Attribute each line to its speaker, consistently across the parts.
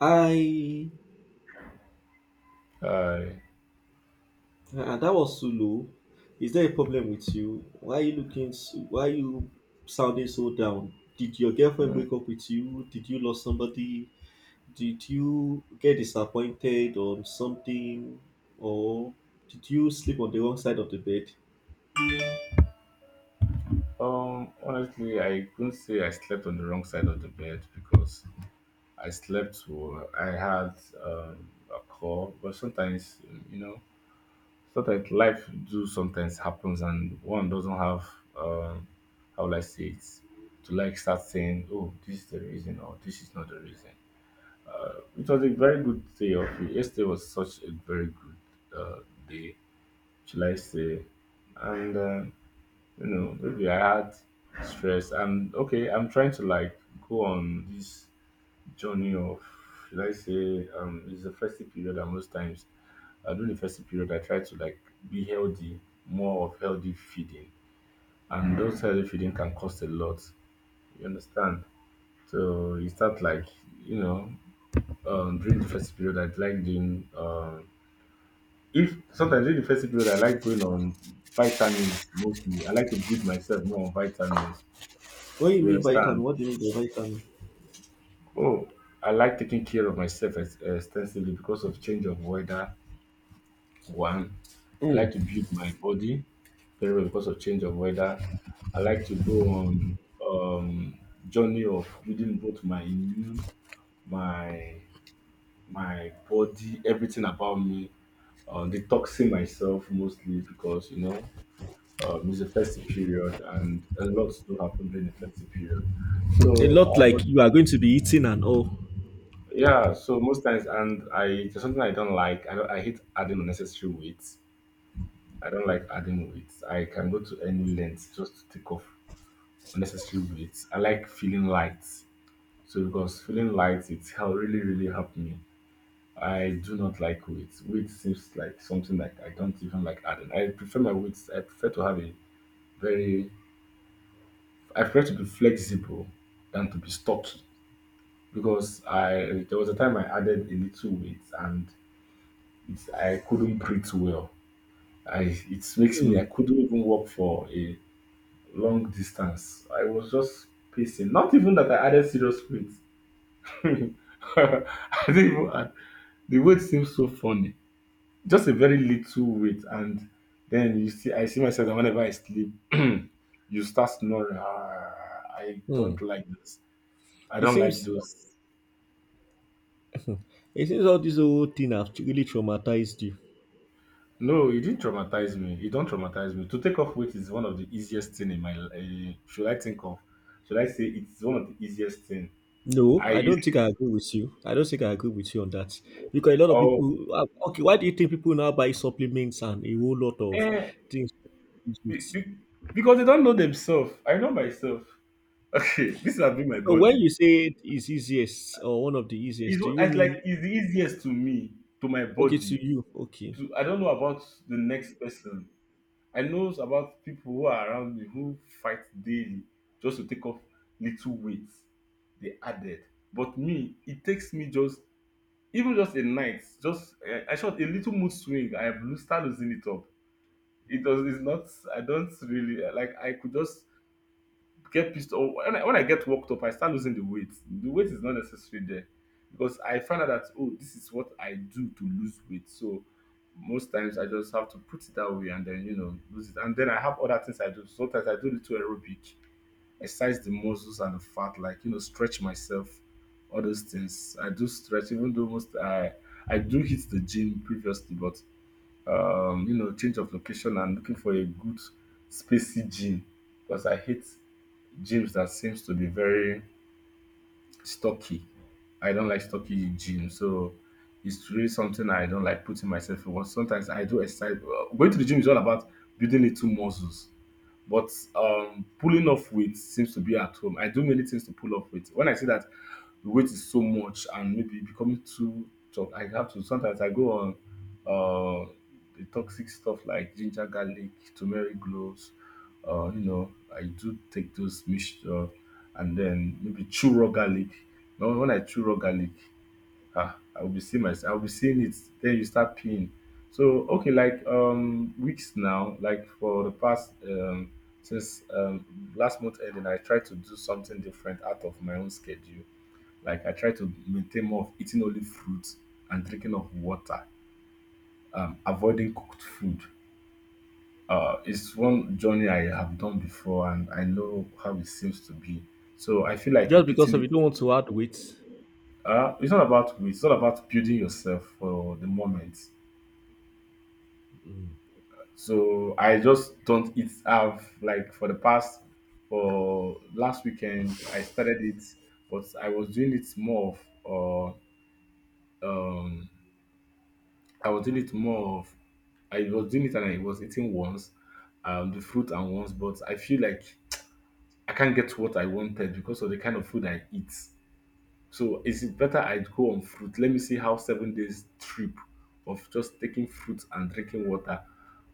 Speaker 1: I
Speaker 2: I
Speaker 1: That was too low. Is there a problem with you? Why are you looking? So, why are you sounding so down? Did your girlfriend
Speaker 2: Mm.
Speaker 1: break up with you? Did you lose somebody? Did you get disappointed on something? Or did you sleep on the wrong side of the bed?
Speaker 2: Honestly, I couldn't say I slept on the wrong side of the bed because I slept well. I had a call. But sometimes you know sometimes life do sometimes happens, and one doesn't have um how will I say it to like start saying, oh, this is the reason or this is not the reason. It was a very good day of it. Yesterday was such a very good uh, day, shall I say, and maybe I had stress. I'm okay. I'm trying to like go on this journey of, should I say, it's the festive period, and most times during the festive period, I try to like be healthy, more of healthy feeding, and those healthy feeding can cost a lot. You understand? So you start like, you know during the festive period, I'd like doing, if sometimes during the festive period, I like going on vitamins. Mostly I like to build myself more on vitamins.
Speaker 1: What do you
Speaker 2: You
Speaker 1: mean vitamin?
Speaker 2: understand?
Speaker 1: What do you mean by vitamin?
Speaker 2: Oh, I like taking care of myself extensively because of change of weather. One, I like
Speaker 1: Mm.
Speaker 2: to build my body very well because of change of weather. I like to go on um journey of building both my immune, my my body, everything about me, detoxing myself mostly because it's a festive period, and a lot to happen during the festive period.
Speaker 1: A
Speaker 2: So,
Speaker 1: lot
Speaker 2: uh,
Speaker 1: like you are going to be eating and all.
Speaker 2: yeah, so most times, and I it's something I don't like. I don't, I hate adding unnecessary weight. I don't like adding weight. I can go to any length just to take off unnecessary weight. I like feeling light. So because feeling light, it's really really helped me. I do not like weight. Weight seems like something that I don't even like adding. I prefer my weights. I prefer to have a very. I prefer to be flexible than to be stocky because I there was a time I added a little weight. And It's I couldn't breathe well. I It makes
Speaker 1: Mm.
Speaker 2: me, I couldn't even walk for a long distance. I was just pacing. Not even that I added serious weight. I didn't even add. The weight seems so funny. Just a very little weight, and then you see, I see myself that whenever I sleep, you start snoring. Ah, I don't
Speaker 1: Mm.
Speaker 2: like this. I
Speaker 1: It
Speaker 2: don't like
Speaker 1: seems
Speaker 2: those.
Speaker 1: it seems all this whole thing have really traumatized you.
Speaker 2: No, you didn't traumatize me. You don't traumatize me. To take off weight is one of the easiest thing in my life. Should I think of? Should I say it's one of the easiest thing?
Speaker 1: No,
Speaker 2: I
Speaker 1: I don't think
Speaker 2: easily.
Speaker 1: I agree with you. I don't think I agree with you on that because a lot of
Speaker 2: oh
Speaker 1: people. Okay, why do you think people now buy supplements and a whole lot of
Speaker 2: eh,
Speaker 1: things? To use it?
Speaker 2: be- be- because they don't know themselves. I know myself. Okay, this has been my
Speaker 1: So when
Speaker 2: body.
Speaker 1: you say it's easiest or one of the easiest, do you
Speaker 2: It's like
Speaker 1: mean
Speaker 2: it's the easiest to me, to my
Speaker 1: okay to
Speaker 2: body.
Speaker 1: you? Okay,
Speaker 2: To I don't know about the next person. I knows about people who are around me who fight daily just to take off little weights they added. But me, it takes me just, even just a night, just I shot a little mood swing. I have start losing it up. It does. It's not. I don't really like. I could just get pissed off when I get worked up, I start losing the weight. The weight is not necessary there because I find out that, oh, this is what I do to lose weight. So most times I just have to put it that way, and then lose it. And then I have other things I do. Sometimes I do little aerobic, exercise the muscles and the fat, like, stretch myself, all those things. I do stretch, even though most I do hit the gym previously. But change of location and looking for a good spacey gym because I hate gyms that seems to be very stocky. I don't like stocky gym, so it's really something I don't like putting myself in. But sometimes I do exercise. Well, going to the gym is all about building little muscles. But pulling off weight seems to be at home. I do many things to pull off weight. When I see that the weight is so much and maybe becoming too tough, I have to, sometimes I go on uh, the toxic stuff like ginger, garlic, turmeric, cloves. I do take those mixture, and then maybe chew raw garlic. Now, when I chew raw garlic, ah, I will be seeing it, then you start peeing. So, okay, like, weeks now, like for the past, since, last month ending, I tried to do something different out of my own schedule. Like, I try to maintain more of eating only fruits and drinking of water, avoiding cooked food. It's one journey I have done before, and I know how it seems to be. So I feel like
Speaker 1: just because
Speaker 2: repeating
Speaker 1: of you don't
Speaker 2: it.
Speaker 1: want to add weight.
Speaker 2: It's not about building yourself for the moment. So I just don't eat have like for the past for last weekend I started it, but of uh, um I was doing it more of I was doing it and I was eating once, the fruit and once, but I feel like I can't get what I wanted because of the kind of food I eat. So is it better I go on fruit? Let me see how 7 days trip of just taking fruit and drinking water,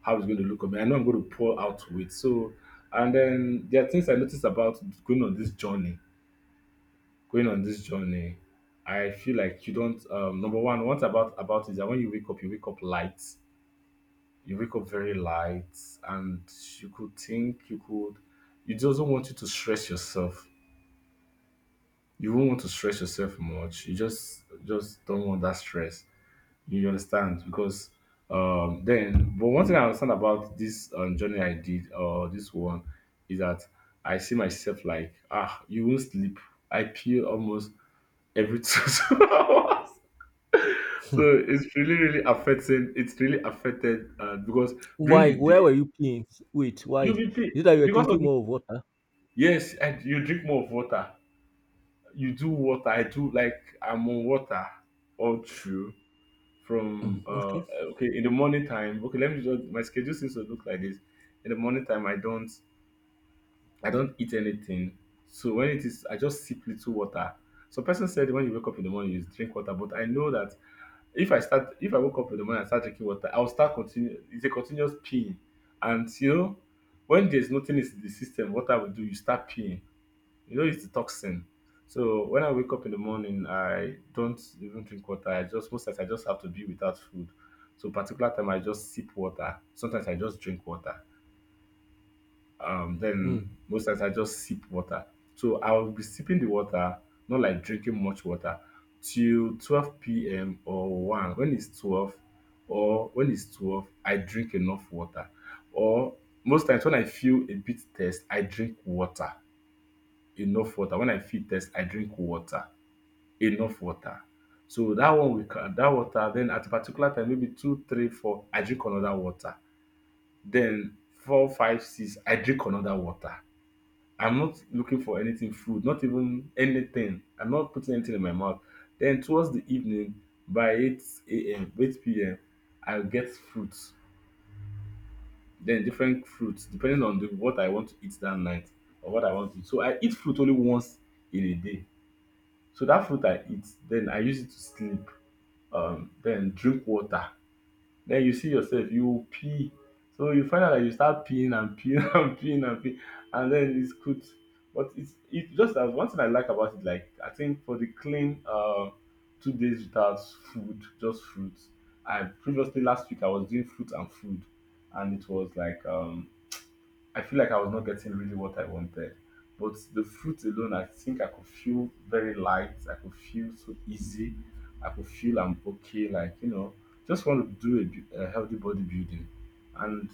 Speaker 2: how it's going to look on me. I know I'm going to pour out weight. So, and then there are things I noticed about going on this journey. Going on this journey, I feel like you don't. Number one, what about is that when you wake up light. You wake up very light, and you could think, you could. You just don't want you to stress yourself. You won't want to stress yourself much. You just don't want that stress. You understand? Because then but one thing I understand about this journey I did or this one is that I see myself like, you won't sleep. I pee almost every 2 hours. So it's really really affecting, it's really affected, because during
Speaker 1: Why?
Speaker 2: the
Speaker 1: Where
Speaker 2: day
Speaker 1: were you playing? Wait, why?
Speaker 2: you'll
Speaker 1: Is
Speaker 2: be pee
Speaker 1: it that you were
Speaker 2: because of
Speaker 1: thinking
Speaker 2: the,
Speaker 1: more of water?
Speaker 2: yes, and you drink more of water. You do water, I do like I'm on water all through
Speaker 1: Mm,
Speaker 2: from
Speaker 1: okay.
Speaker 2: okay, in the morning time. Okay, let me just, my schedule seems to look like this. In the morning time I don't eat anything. So when it is, I just sip little water. So person said when you wake up in the morning you drink water, but I know that if I woke up in the morning and start drinking water, I'll start continue, it's a continuous peeing. And when there's nothing in the system, what I will do, you start peeing, it's the toxin. So when I wake up in the morning, I don't even drink water. I just most times I just have to be without food. So particular time I just sip water. Sometimes I just drink water.
Speaker 1: Mm,
Speaker 2: Then most times I just sip water. So I'll be sipping the water, not like drinking much water, till 12 p.m. or one. When it's 12, I drink enough water. Or most times when I feel a bit thirst, I drink water, enough water. When I feel thirst, I drink water, enough water. So that one will ca dat water. Then at a particular time maybe two, three, four, I drink another water. Then four, five, six, I drink another water. I'm not looking for anything food, not even anything. I'm not putting anything in my mouth. Then towards the evening by 8 a.m., 8 p.m., I get fruits. Then different fruits depending on the what I want to eat that night or what I want to eat. So I eat fruit only once in a day. So that fruit I eat, then I use it to sleep, then drink water. Then you see yourself, you pee. So you find out that you start peeing and peeing and peeing and peeing, and then it's good. But it just as one thing I like about it, like, I think for the clean, 2 days without food, just fruits. I previously last week I was doing fruit and food, and it was like, I feel like I was not getting really what I wanted. But the fruit alone, I think I could feel very light. I could feel so easy. I could feel I'm okay. Like, just want to do a healthy bodybuilding. And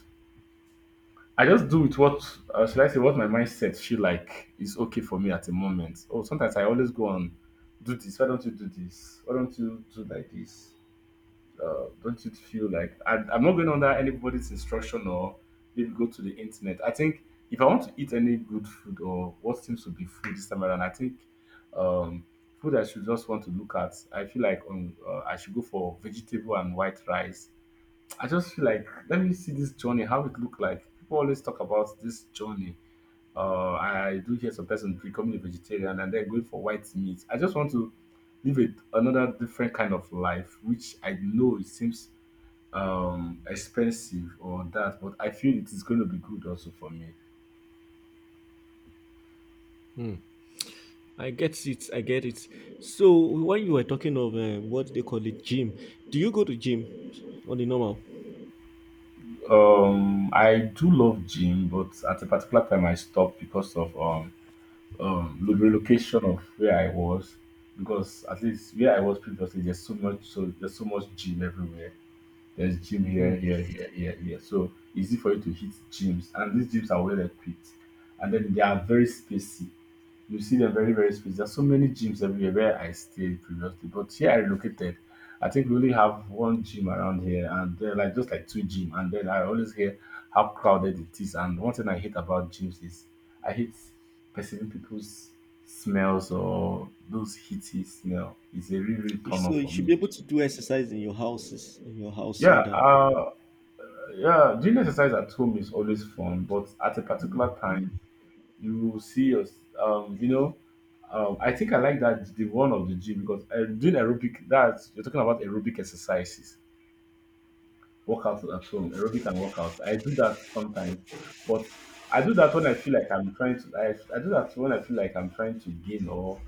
Speaker 2: I just do with what, should I say, what my mindset feel like is okay for me at the moment. Oh, sometimes I always go on, do this. Why don't you do this? Why don't you do like this? Don't you feel like I'm not going under anybody's instruction or maybe go to the internet? I think if I want to eat any good food or what seems to be food this time around, I think um, food I should just want to look at. I feel like on I should go for vegetable and white rice. I just feel like let me see this journey, how it look like. People always talk about this journey. I do hear some person becoming a vegetarian and then going for white meat. I just want to live it another different kind of life, which I know it seems expensive or that, but I feel it is going to be good also for me.
Speaker 1: mm. I get it. I get it. So when you were talking of what they call it, gym, do you go to gym on the normal?
Speaker 2: I do love gym, but at a particular time I stopped because of relocation of where I was, because at least where I was previously there's so much, so there's so much gym everywhere, there's gym here,
Speaker 1: Hmm.
Speaker 2: here, here, here, here. So easy for you to hit gyms. And these gyms are well equipped. And then they are very spacey. You see them very, very spacey. There's so many gyms everywhere where I stayed previously. But here I relocated. I think we only have one gym around here and there are like just like two gym. And then I always hear how crowded it is. And one thing I hate about gyms is I hate perceiving people's smells or those heaty smell. It's a real, real
Speaker 1: You
Speaker 2: turn
Speaker 1: So
Speaker 2: off
Speaker 1: you
Speaker 2: for
Speaker 1: should
Speaker 2: me.
Speaker 1: be able to do exercise in your houses, in your house
Speaker 2: Yeah,
Speaker 1: rather.
Speaker 2: yeah, doing exercise at home is always fun, but at a particular time, you will see your, um, you know, I think I like that the one of the gym because doing aerobic. That's you're talking about aerobic exercises, workouts at home, aerobic and workouts. I do that sometimes, but I do that when I feel like I'm trying to. I do that when I feel like I'm trying to gain or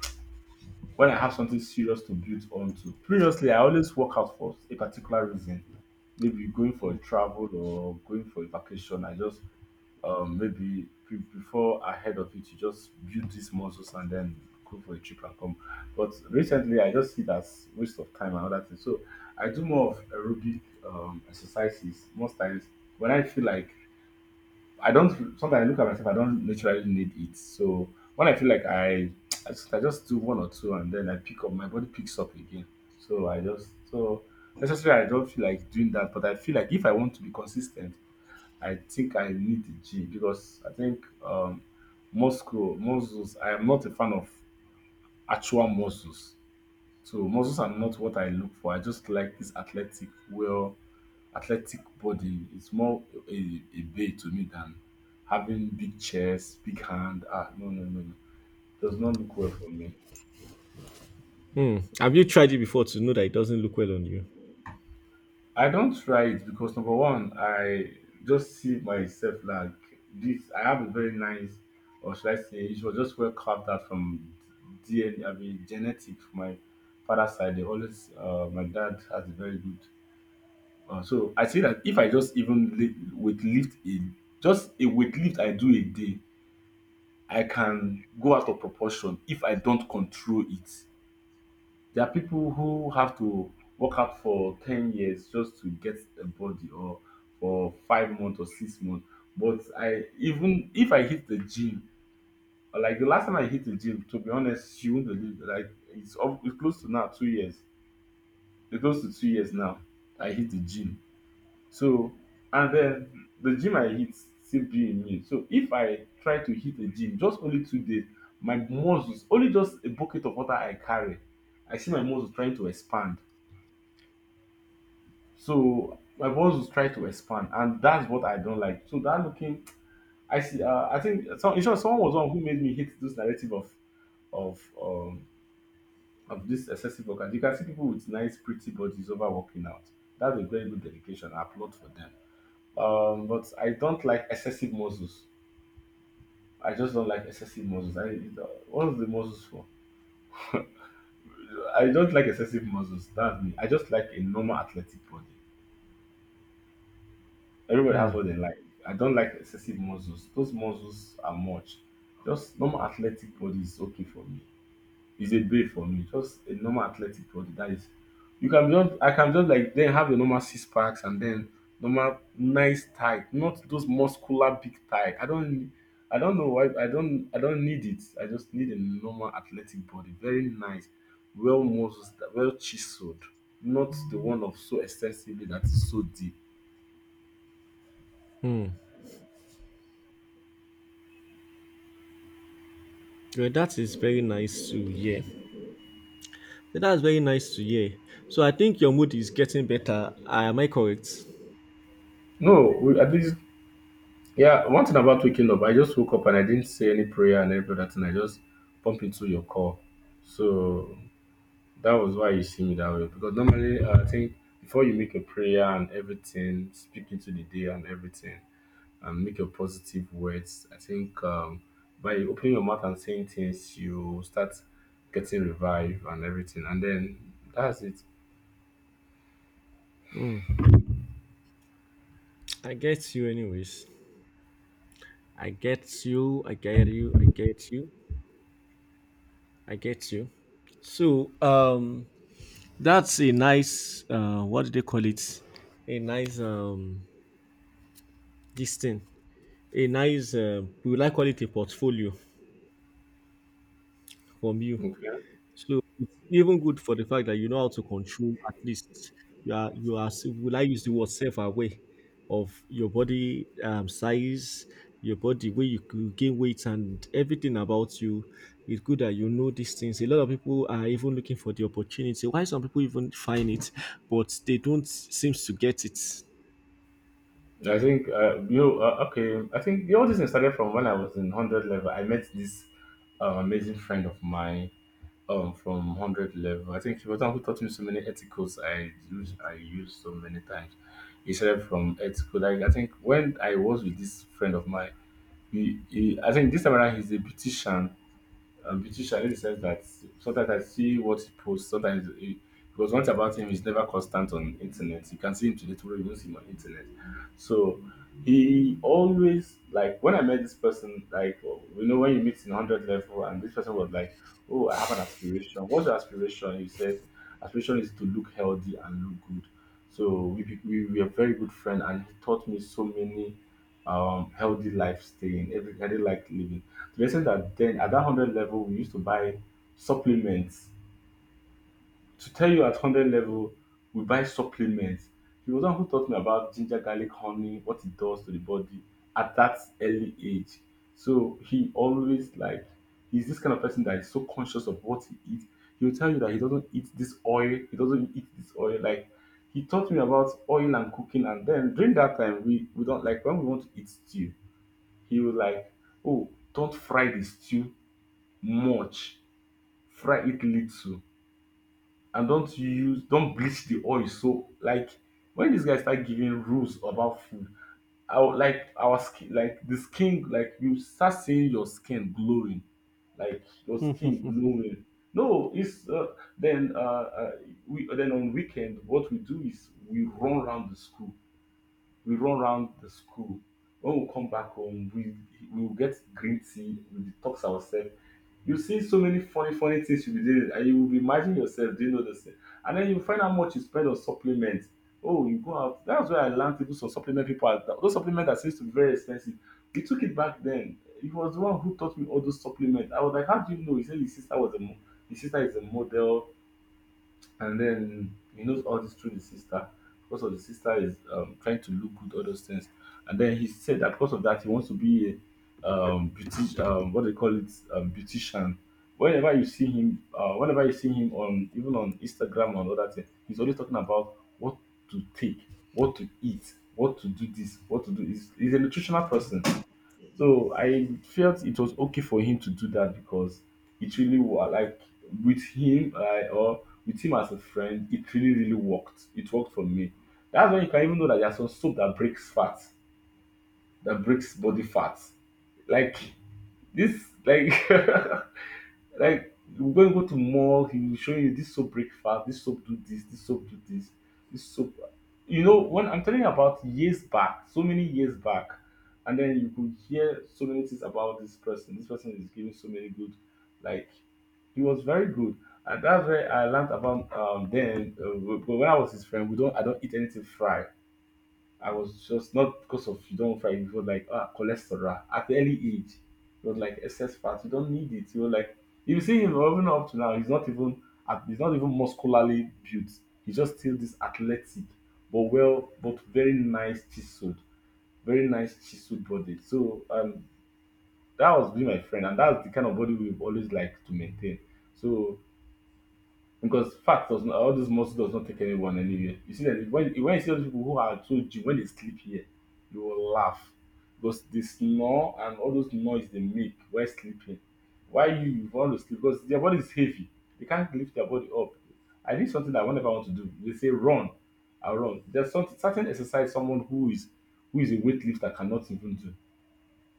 Speaker 2: when I have something serious to build onto. Previously, I always work out for a particular reason. Maybe going for a
Speaker 1: Mm.
Speaker 2: travel or going for a vacation. I just maybe before ahead of it, you just build these muscles and then go for a trip and come. But recently, I just see that's waste of time and other things. So I do more of aerobic exercises most times when I feel like I don't sometimes I look at myself, I don't naturally need it. So when I feel like I I just do one or two and then I pick up my body picks up again. So I just so necessarily I don't feel like doing that, but I feel like if I want to be consistent, I think I need the gym because I think muscles I am not a fan of actual muscles. So muscles are not what I look for. I just like this athletic, well, athletic body. It's more a bay to me than having big chest, big hand. Ah, no, no, no, no. Does not look well for me.
Speaker 1: Hmm. Have you tried it before to know that it doesn't look well on you?
Speaker 2: I don't try it because number one, I just see myself like this. I have a very nice, or should I say, it was just well carved out from DNA. I mean, genetic. From My father's side, they always. My dad has a very good. So I say that if I just even weightlift a just a weightlift I do a day, I can go out of proportion if I don't control it. There are people who have to work out for 10 years just to get a body, or for 5 months or 6 months. But I even if I hit the gym, or like the last time I hit the gym, to be honest, you won't believe. Like it's, up, it's close to now 2 years. It's close to 2 years now. I hit the gym. So, and then the gym I hit still be in me. So if I try to hit a gym just only 2 days, my muscles only just a bucket of water I carry, I see my muscles trying to expand. So my muscles try to expand, and that's what I don't like. So that looking, I see. I think some, in short, someone was one who made me hate this narrative of of um of this excessive workout. You can see people with nice, pretty bodies over working out. That's a very good dedication. I applaud for them. But I don't like excessive muscles. I just don't like excessive muscles. I what is the muscles for? I don't like excessive muscles. That's me. I just like a normal athletic body. Everybody
Speaker 1: Hmm.
Speaker 2: has what they like. I don't like excessive muscles. Those muscles are much. Just normal athletic body is okay for me. Is a babe for me, just a normal athletic body that is you can just I can just like then have a normal six packs and then normal nice tight, not those muscular big tight. I don't know why I don't need it. I just need a normal athletic body, very nice, well muscles, well chiseled, not the one of so extensively that is so deep.
Speaker 1: Hmm. Well, that is very nice to hear. So that's very nice to hear. So I think your mood is getting better. Am I correct?
Speaker 2: No, we, at least yeah. One thing about waking up, I just woke up and I didn't say any prayer and everything. I just bump into your call, so that was why you see me that way because normally I think before you make a prayer and everything, speak into the day and everything, and make your positive words. I think by opening your mouth and saying things, you start getting revived and everything, and then that's it.
Speaker 1: Hmm. I get you, anyways. I get you. I get you. I get you. I get you. So that's a nice what do they call it? A nice this thing. A nice we would like call it a portfolio from you.
Speaker 2: Okay.
Speaker 1: So it's even good for the fact that you know how to control at least you are will I use the word self aware of your body, size, your body where you could gain weight and everything about you. It's good that you know these things. A lot of people are even looking for the opportunity. Why some people even find it, but they don't seem to get it.
Speaker 2: I think I think the all this started from when I was in 100 level. I met this amazing friend of mine from 100 level. I think Shibata Uncle taught me so many ethicals I use so many times. He started from ethical. Like I think when I was with this friend of mine, he I think this time around he's a beautician, beautician in the sense that sometimes I see what he posts, sometimes he, because one thing about him is never constant on internet. You can see him today, tomorrow you don't see him on internet. So he always like when I met this person, like oh, you know when you meet in hundred level, and this person was like, "Oh, I have an aspiration. What's your aspiration?" He said, "Aspiration is to look healthy and look good." So we are very good friends, and he taught me so many healthy lifestyle, staying, every healthy life living. To the extent that then at that hundred level we used to buy supplements. To tell you at hundred level we buy supplements. He was the one who taught me about ginger, garlic, honey, what it does to the body at that early age. So he always like he's this kind of person that is so conscious of what he eats. He'll tell you that he doesn't eat this oil, he doesn't eat this oil. Like he taught me about oil and cooking, and then during that time we don't like when we want to eat stew he was like, "Oh, don't fry the stew much. Fry it little, and don't bleach the oil." So like when this guy start giving rules about food, our like our skin like the skin like you start seeing your skin glowing, like your skin glowing. No, it's then we then on weekend what we do is we run around the school, we run round the school. When we come back home we will get green tea, we detox ourselves. You see so many funny funny things you be doing, and you will be imagining yourself doing all those things, and then you find how much you spend on supplements. Oh, you go out, that's where I learned to do some supplement, people are those supplements that seems to be very expensive. We took it back then, he was the one who taught me all those supplements. I was like how do you know, he said his sister is a model, and then he knows all this through the sister because of the sister is trying to look good, all those things. And then he said that because of that, he wants to be a beauty, what they call it, beautician. Whenever you see him, whenever you see him on even on Instagram and other things, he's always talking about what to take, what to eat, what to do this, what to do. He's a nutritional person, so I felt it was okay for him to do that because it really was like, with him I or with him as a friend, it really, really worked. It worked for me. That's when you can even know that there's some soap that breaks fat, that breaks body fat. Like this, like like when you go to mall, he will show you this soap breakfast, this soap do this, this soap do this, this soap. You know, when I'm telling you about years back, so many years back, and then you could hear so many things about this person. This person is giving so many good, like, he was very good, and that's where I learned about then. But when I was his friend, we don't I don't eat anything fried. I was just not because of you don't fight, it was like ah cholesterol at the early age. It was like excess fat. You don't need it. You were like, if you see him even up to now, he's not even he's not even muscularly built. He's just still this athletic, but well, but very nice chiseled body. So that was being my friend, and that's the kind of body we've always liked to maintain. So because fat does not, all this muscle does not take anyone anywhere. You see that when, you see all these people who are so gym, when they sleep here, you will laugh. Because they snore and all those noise they make while sleeping. Why you want to sleep? Because their body is heavy. They can't lift their body up. I did something that whenever I want to do, they say run. I run. There's some certain exercise someone who is a weightlifter cannot even do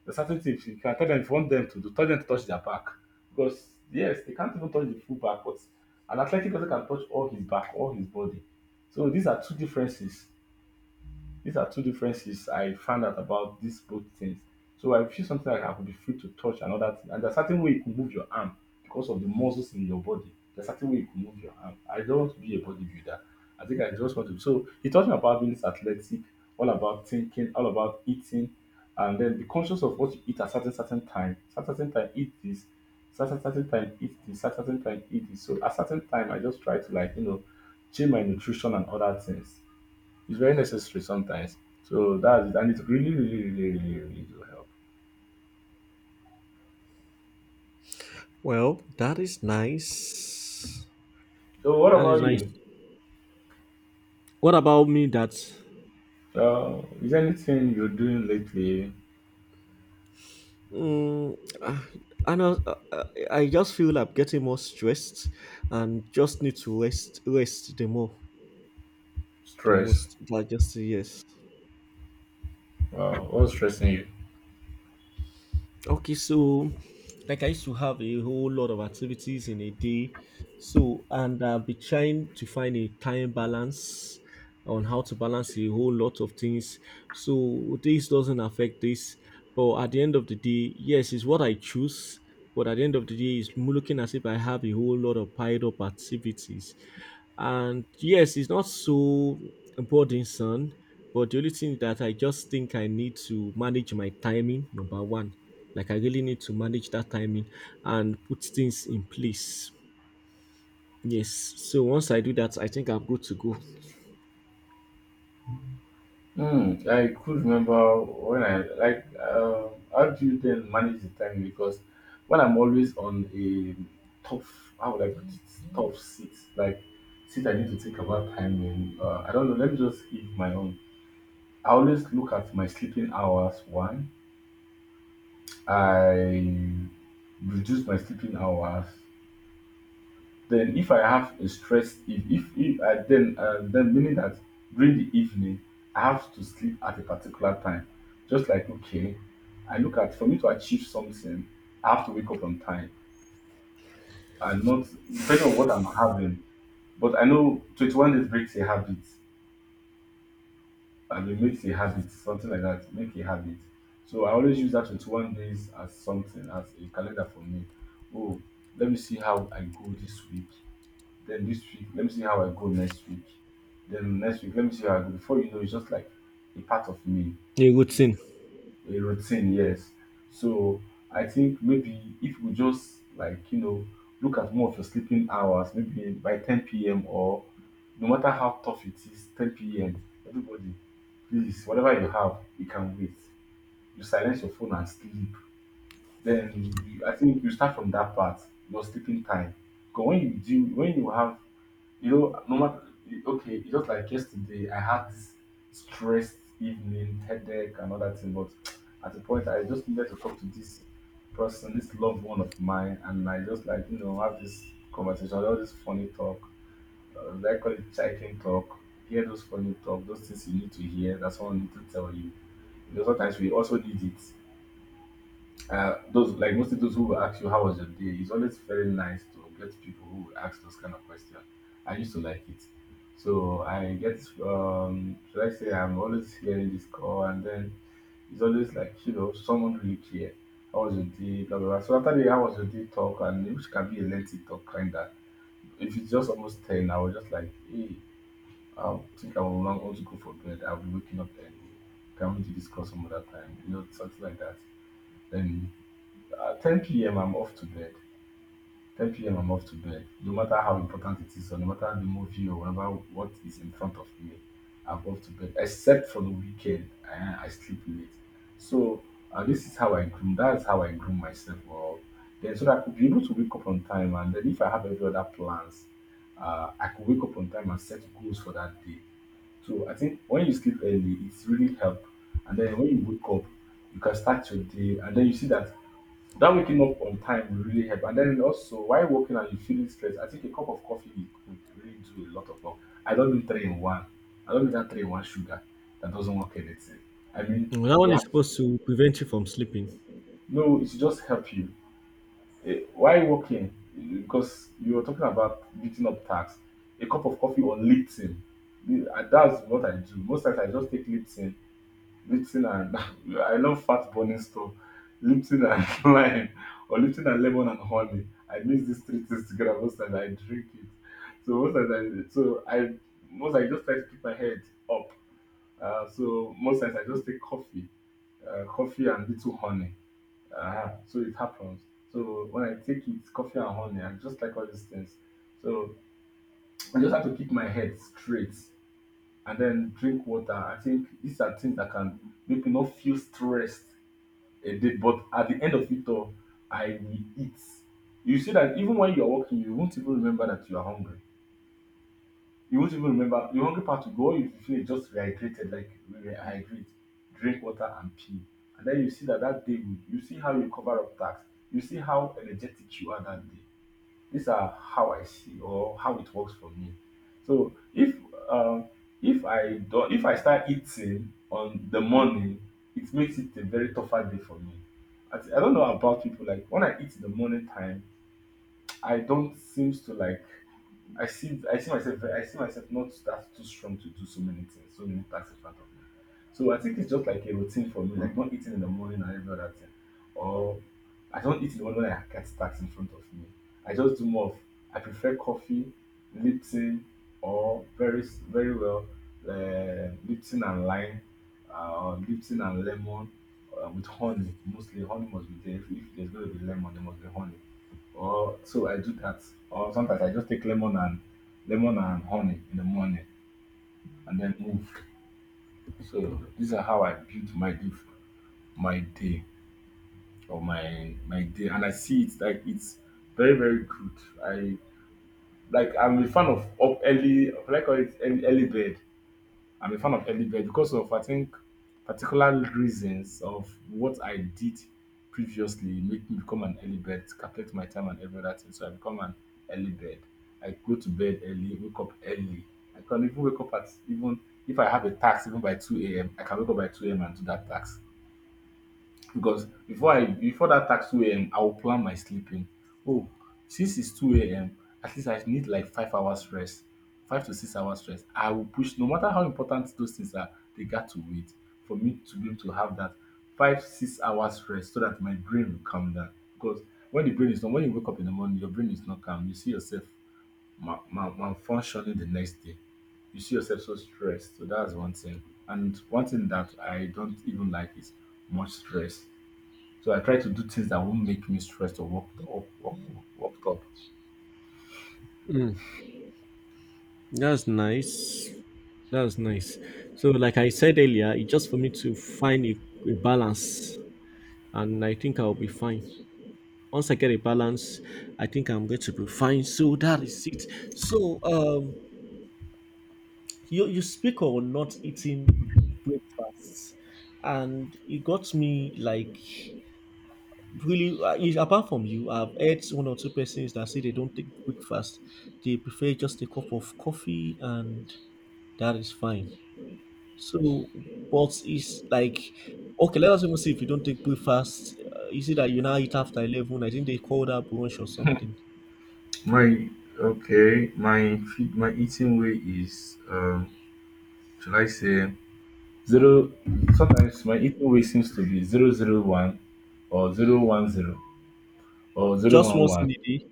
Speaker 2: the certain things you can tell them if you want them to do, tell them to touch their back. Because yes, they can't even touch the full back, but an athletic person can touch all his back, all his body. So these are two differences. These are two differences I found out about these both things. So I feel something like I could be free to touch another thing. And there's a certain way you can move your arm because of the muscles in your body. There's a certain way you can move your arm. I don't want to be a bodybuilder. I think I just want to. So he taught me about being athletic, all about thinking, all about eating, and then be conscious of what you eat at certain certain time. Certain certain time eat this. Certain certain time eat this. Certain certain time eat this. So at certain time I just try to like change my nutrition and other things. It's very necessary sometimes. So that's it, and it really, really, really, really, really do help.
Speaker 1: Well, that is nice.
Speaker 2: So what
Speaker 1: That is
Speaker 2: about
Speaker 1: nice.
Speaker 2: you?
Speaker 1: What about me that?
Speaker 2: Is there anything you're doing lately?
Speaker 1: Mm, and I, I just feel like I'm getting more stressed and just need to rest the more the
Speaker 2: Stress?
Speaker 1: most that just yes.
Speaker 2: What's stressing you?
Speaker 1: Okay, so like I used to have a whole lot of activities in a day. So, and I've been trying to find a time balance on how to balance a whole lot of things. So, this doesn't affect this. But at the end of the day, yes, it's what I choose. But at the end of the day, it's looking as if I have a whole lot of piled up activities. And yes, it's not so burdensome. But the only thing that I just think I need to manage my timing, number one, like I really need to manage that timing and put things in place. Yes. So once I do that, I think I'm good to go.
Speaker 2: Hmm. I could remember when I like. How do you then manage the time? Because when I'm always on a tough, how would I put it? Tough seat, like seat I need to think about time. And I don't know. Let me just give my own. I always look at my sleeping hours. One. I reduce my sleeping hours. Then, if I have a stress, if I then meaning that during the evening I have to sleep at a particular time. Just like okay, I look at for me to achieve something, I have to wake up on time and not depending on what I'm having. But I know 21 days breaks a habit, and it makes a habit, something like that, make a habit. So I always use that 21 days as something, as a calendar for me. Oh, let me see how I go this week. Then this week, let me see how I go next week. Then next week, let me see how I go. Before you know, it's just like a part of me.
Speaker 1: A
Speaker 2: This
Speaker 1: routine.
Speaker 2: a routine, yes. So I think maybe if we just like look at more of your sleeping hours, maybe by 10 p.m. or no matter how tough it is, 10 p.m. Everybody, please, whatever you have, you can wait. You silence your phone and sleep. Then you, I think you start from that part, your sleeping time. Because when you do, when you have, no matter okay, it's just like yesterday, I had this stressed evening, headache, and all that thing. But at the point, I just needed to talk to this person, this loved one of mine, and I just like have this conversation, all this funny talk. They call it chicken talk. Hear those funny talk, those things you need to hear. That's what I need to tell you. You know, sometimes we also need it. Those like mostly those who will ask you how was your day. It's always very nice to get people who will ask those kind of questions. I used to like it, so I get should I say I'm always hearing this call, and then it's always like someone really care. How was your day? Blah blah. Blah. So after the how was your day talk, and which can be a lengthy talk kinda. If it's just almost ten, I was just like, hey, I think I will not want to go for bed. I'll be waking up early. Can we discuss some other time? You know, something like that. Then 10 p.m. I'm off to bed. 10 p.m. I'm off to bed. No matter how important it is, or no matter the movie or whatever what is in front of me, I'm off to bed. Except for the weekend, I sleep late. So this is how I groom. That's how I groom myself up. Then so that I could be able to wake up on time, and then if I have every other plans, I could wake up on time and set goals for that day. So I think when you sleep early, it's really help. And then when you wake up, you can start your day, and then you see that that waking up on time will really help. And then also, while working and you feeling stressed, I think a cup of coffee will could really do a lot of work. I don't do three in one. I don't do that three in one sugar that doesn't work anything. I mean,
Speaker 1: Mm, that one
Speaker 2: black.
Speaker 1: is supposed to prevent you from sleeping.
Speaker 2: No, it should just help you. Eh, while working, eh, because you were talking about beating up tax, a cup of coffee or Lipton. Eh, and that's what I do. Most times I just take Lipton and I love fat burning stuff. Lipton and lime or Lipton and lemon and honey. I mix these three things together most times I drink it. So most times I most I just try to keep my head up. So most times I just take coffee, coffee and little honey. So it happens. So when I take it, coffee and honey, I just like all these things. So I just have to keep my head straight and then drink water. I think these are things that can make me not feel stressed a day. But at the end of it all, I will eat. You see that even when you're working, you won't even remember that you are hungry. You won't even remember the hungry part will go. You feel just rehydrated, like rehydrate, drink water and pee. And then you see that that day, will- you see how you cover up tax. You see how energetic you are that day. These are how I see or how it works for me. So um, if I do, if I start eating on the morning, it makes it a very tougher day for me. I don't know about people like when I eat in the morning time, I don't seems to like I see myself not that too strong to do so many things, so no task in front of me. So I think it's just like a routine for me, like not eating in the morning and every other thing. Or I don't eat in the morning when I get tax in front of me. I just do more of I prefer coffee, Lipton, or very very well Lipton and lime, Lipton and lemon with honey. Mostly honey must be there. If, there's going to be lemon, there must be honey or so I do that. Or sometimes I just take lemon and lemon and honey in the morning and then move. So these are how I build my day or my day, and I see it like it's very very good. I I'm a fan of up early, like I call it early, early bed. I'm a fan of early bed because of I think particular reasons of what I did previously make me become an early bird, calculate my time and every other thing. So I become an early bird. I go to bed early, wake up early. I can even wake up at even if I have a task even by 2 a.m. I can wake up by 2 a.m. and do that task. Because before that tax two a.m. I will plan my sleeping. Oh, since it's two a.m. at least I need like 5 hours rest, 5 to 6 hours rest. I will push no matter how important those things are, they got to wait for me to be able to have that five, 6 hours rest so that my brain will calm down. Because when the brain is not when you wake up in the morning, your brain is not calm. You see yourself malfunctioning the next day. You see yourself so stressed. So that's one thing. And one thing that I don't even like is much stress. So I try to do things that won't make me stressed or worked up.
Speaker 1: Mm, that's nice. That's nice. So, like I said earlier, it's just for me to find a balance, and I think I'll be fine. Once I get a balance, I think I'm going to be fine. So that is it. So, you speak on not eating breakfasts, and it got me like really, apart from you, I've heard one or two persons that say they don't take breakfast. They prefer just a cup of coffee, and that is fine. So but it's like, okay, let us even see if you don't take breakfast. You see that you now eat after 11, I think they call that brunch or something.
Speaker 2: My okay, my eating way is shall I say zero. Sometimes my eating way seems to be 0 0 1, or 0 1 0, or zero
Speaker 1: Just
Speaker 2: one
Speaker 1: once
Speaker 2: one.
Speaker 1: in a day.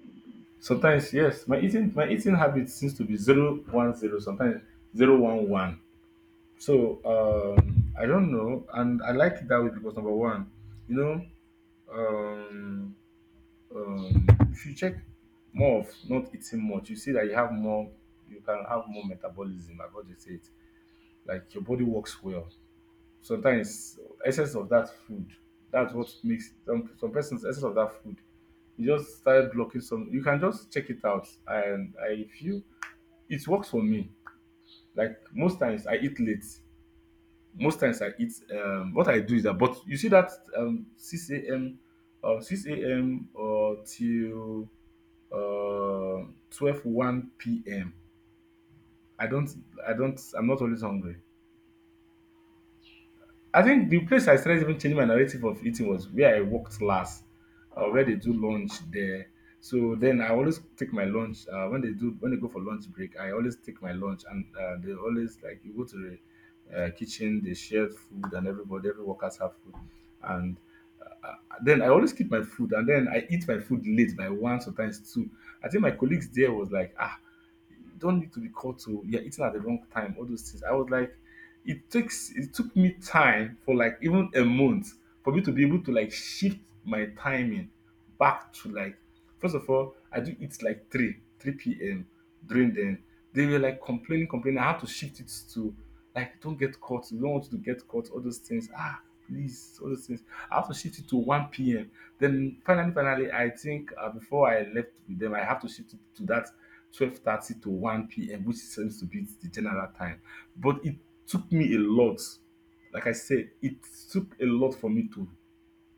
Speaker 2: Sometimes yes, my eating habit seems to be 0 1 0. Sometimes 0 1 1. So I don't know, and I like it that way because number one, you know, um um if you check more of not eating much, you see that you can have more metabolism. I've already said it like your body works well. Sometimes excess of that food, that's what makes some persons excess of that food. You just start blocking some. You can just check it out, and I feel it works for me. Like most times, I eat late most times I eat. What I do is that, but you see that um, six a.m. or six a.m. or till uh, 12 1 p.m. I don't, I don't, I'm not always hungry. I think the place I started even changing my narrative of eating was where I worked last, where they do lunch there. So then I always take my lunch when they go for lunch break. I always take my lunch, and they always like you go to the kitchen, they share food, and every workers have food, and uh, uh, then I always keep my food, and then I eat my food late by one sometimes two. I think my colleagues there was like, ah, you don't need to be called to you're eating at the wrong time, all those things. I was like it took me time for like even a month for me to be able to like shift my timing back to like first of all, I do it like 3 p.m. during then. They were like complaining, complaining. I had to shift it to like don't get caught. We don't want you to get caught, all those things. Ah, please, all those things. I have to shift it to 1 p.m. Then finally, I think before I left with them, I have to shift it to that 12:30 to 1 p.m., which seems to be the general time. But it took me a lot. Like I said, it took a lot for me to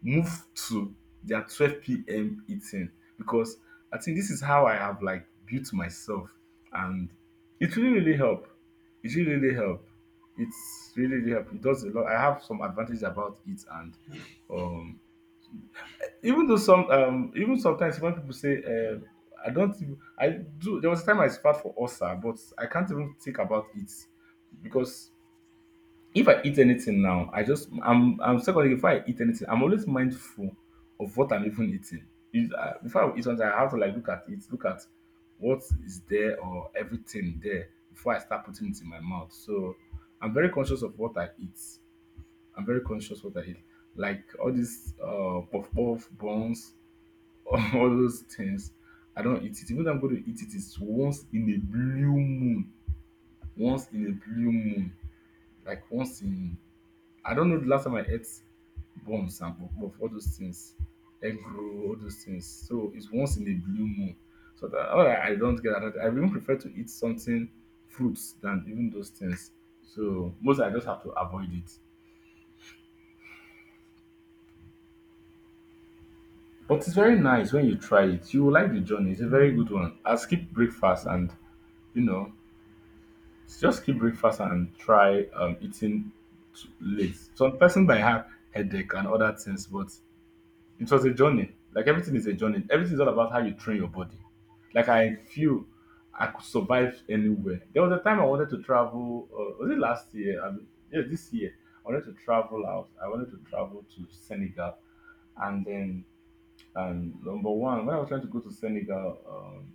Speaker 2: move to their 12 p.m. eating because I think this is how I have like built myself, and it really really help. It really really help. It's really really help. It does a lot. I have some advantages about it, and um, even sometimes when people say I don't even I do there was a time I spat for ulcer, but I can't even think about it because if I eat anything now, I just I'm secondly if I eat anything, I'm always mindful of what I'm even eating. If, before I eat something, I have to like look at what is there or everything there before I start putting it in my mouth. So I'm very conscious of what I eat. I'm very conscious what I eat. Like all these puff puff buns, all those things. I don't eat it. Even though I'm going to eat it, it's once in a blue moon. Once in a blue moon. Like once in I don't know the last time I ate bombs and puff all those things, egg roll, all those things. So it's once in a blue moon. So that all right, don't get that. I even prefer to eat something fruits than even those things. So most I just have to avoid it. But it's very nice when you try it. You will like the journey. It's a very good one. I skip breakfast and you know just skip breakfast and try eating late. Some person might have headache and other things, but it was a journey. Like everything is a journey. Everything is all about how you train your body. Like I feel I could survive anywhere. There was a time I wanted to travel. Was it last year? I mean, yeah, this year. I wanted to travel out. I wanted to travel to Senegal, and then and number 1, when I was trying to go to Senegal,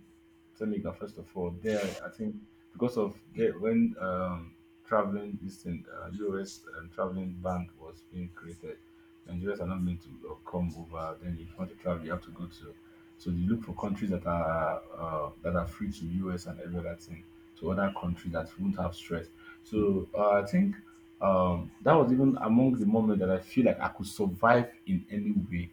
Speaker 2: Senegal first of all, there I think because of there when traveling this thing, US and traveling ban was being created, Nigerians are not meant to come over. Then if you want to travel, you have to go to. So you look for countries that are free to US and every other thing to other countries that won't have stress. So I think that was even among the moment that I feel like I could survive in any way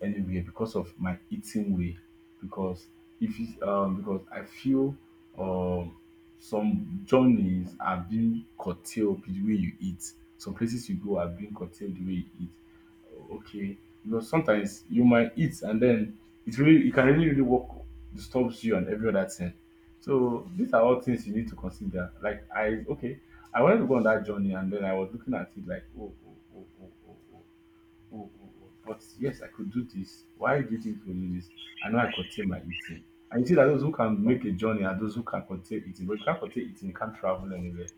Speaker 2: anywhere because of my eating way. Because if it's because I feel um some journeys are being curtailed with the way you eat. Some places you go are being curtailed the way you eat. Okay, because sometimes you might eat and then it can really really work disturbs you and every other thing. So these are all things you need to consider. Like I okay, I wanted to go on that journey and then I was looking at it like oh. But yes, I could do this. Why do you think you do this? I know I contain my eating. And you see that those who can make a journey are those who can contain eating. But if you can't contain eating, you can't travel anywhere.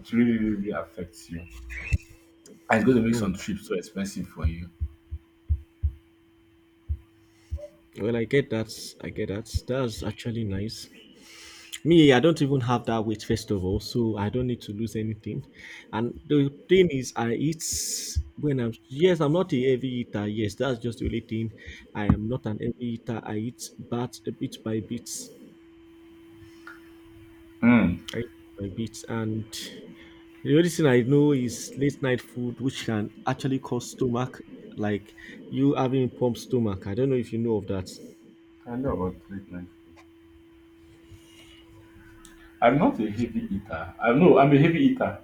Speaker 2: It really, really, really affects you. And it's going to make
Speaker 1: Hmm.
Speaker 2: some trips so expensive for you.
Speaker 1: Well, I get that. I get that. That's actually nice. Me, I don't even have that weight, first of all, so I don't need to lose anything. And the thing is, I eat when I'm, yes, I'm not a heavy eater. Yes, that's just the only thing. I am not an heavy eater. I eat but a bit by bit.
Speaker 2: Hmm.
Speaker 1: I eat by bit. And the only thing I know is late night food, which can actually cause stomach, like you having pumped stomach. I don't know if you know of that.
Speaker 2: I know about late night. I'm not a heavy eater. I know I'm a heavy eater.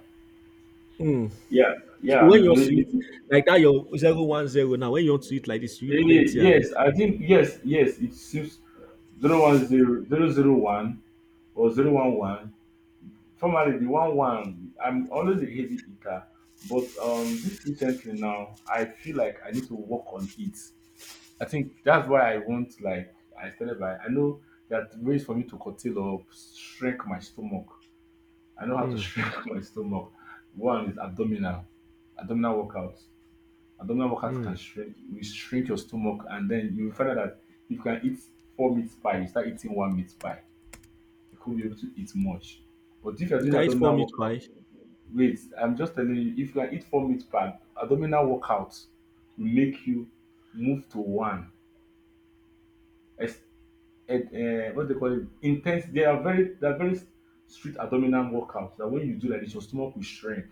Speaker 1: Hmm.
Speaker 2: Yeah, yeah,
Speaker 1: So
Speaker 2: I'm a
Speaker 1: when you want to eat
Speaker 2: heavy.
Speaker 1: like that, your 0 1 0 now. When you want to eat like this, you eat plenty, abi?
Speaker 2: Yes, yes. It seems 0 1 0 0 0 1 or 0 1 1. Formerly, the one one, I'm always a heavy eater, but this recently now, I feel like I need to work on it. I think that's why I want like I started by I know that ways for me to curtail or shrink my stomach. I know how to
Speaker 1: Hmm.
Speaker 2: shrink my stomach. One is abdominal workouts. Abdominal workouts can
Speaker 1: Mm.
Speaker 2: shrink. You shrink your stomach, and then you find out that if you can eat four meat pie, you start eating one meat pie you could be able to eat much. But if you're doing
Speaker 1: Guys form
Speaker 2: abdominal
Speaker 1: it
Speaker 2: workout,
Speaker 1: by.
Speaker 2: wait, I'm just telling you, if you can eat four meals per abdominal workout, will make you move to one. Ex- what they call it? Intense. They are very strict abdominal workouts. That when you do like this, your stomach will shrink.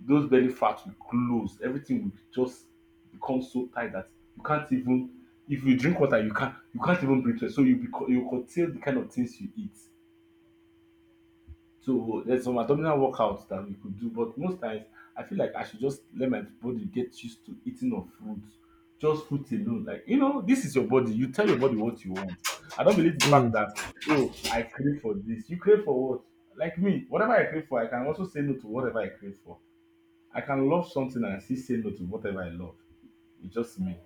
Speaker 2: Those belly fat will close. Everything will just become so tight that you can't even. If you drink water, you can't. You can't even breathe well. So you you curtail the kind of things you eat. So there's some abdominal workouts that we could do, but most times I feel like I should just let my body get used to eating of fruits, just fruits alone. Like you know, this is your body. You tell your body what you want. I don't believe the fact
Speaker 1: Mm.
Speaker 2: that oh, I crave for this. You crave for what? Like me, whatever I crave for, I can also say no to whatever I crave for. I can love something and I still say no to whatever I love. It's just me.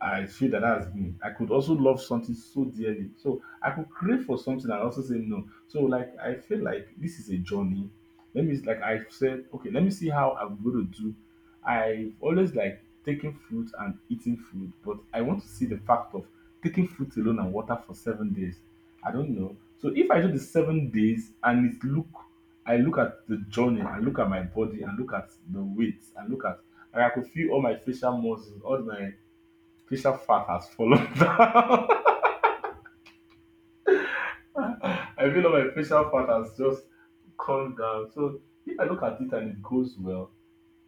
Speaker 2: I feel that that's me. I could also love something so dearly. So I could crave for something and also say no. So like I feel like this is a journey. Let me, like I said, okay, let me see how I'm gonna do. I've always like taking fruit and eating fruit, but I want to see the fact of taking fruit alone and water for 7 days. I don't know. So if I do the 7 days and it look I look at the journey, and look at my body and look at the weight, and look at and I could feel all my facial muscles, all my facial fat has fallen down. I feel like my facial fat has just come down. So if I look at it and it goes well,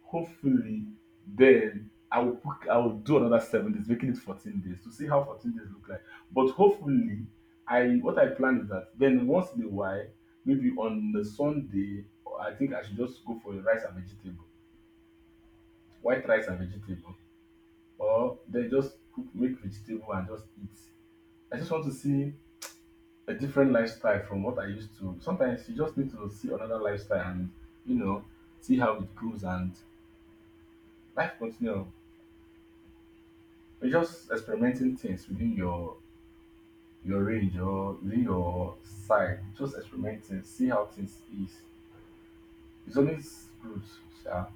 Speaker 2: hopefully then I will do another 7 days, making it 14 days to see how 14 days look like. But hopefully, I what I plan is that then once in a while, maybe on the Sunday, I think I should just go for a rice and vegetable, white rice and vegetable, or then just cook, make vegetable and just eat. I just want to see a different lifestyle from what I used to. Sometimes you just need to see another lifestyle and you know see how it goes and life continue. You're just experimenting things within your range or within your side. Just experimenting, see how things is. It's always good, yeah.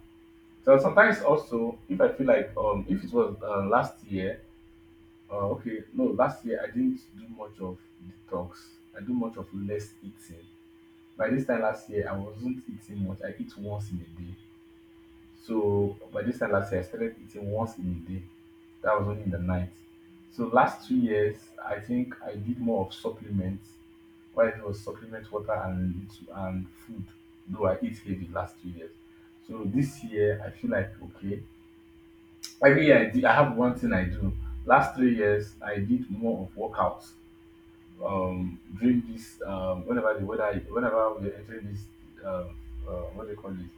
Speaker 2: So sometimes also if I feel like if it was last year, okay, no, last year I didn't do much of detox. I do much of less eating. By this time last year I wasn't eating much. I eat once in a day. So by this time last year I started eating once in a day. That was only in the night. So last 2 years I think I did more of supplements. What I did was supplement water and and food. Though I eat heavy last 2 years. So this year I feel like okay. Every year I have one thing I do. Last 3 years I did more of workouts during this whenever the weather whenever we're entering this um what do you call it,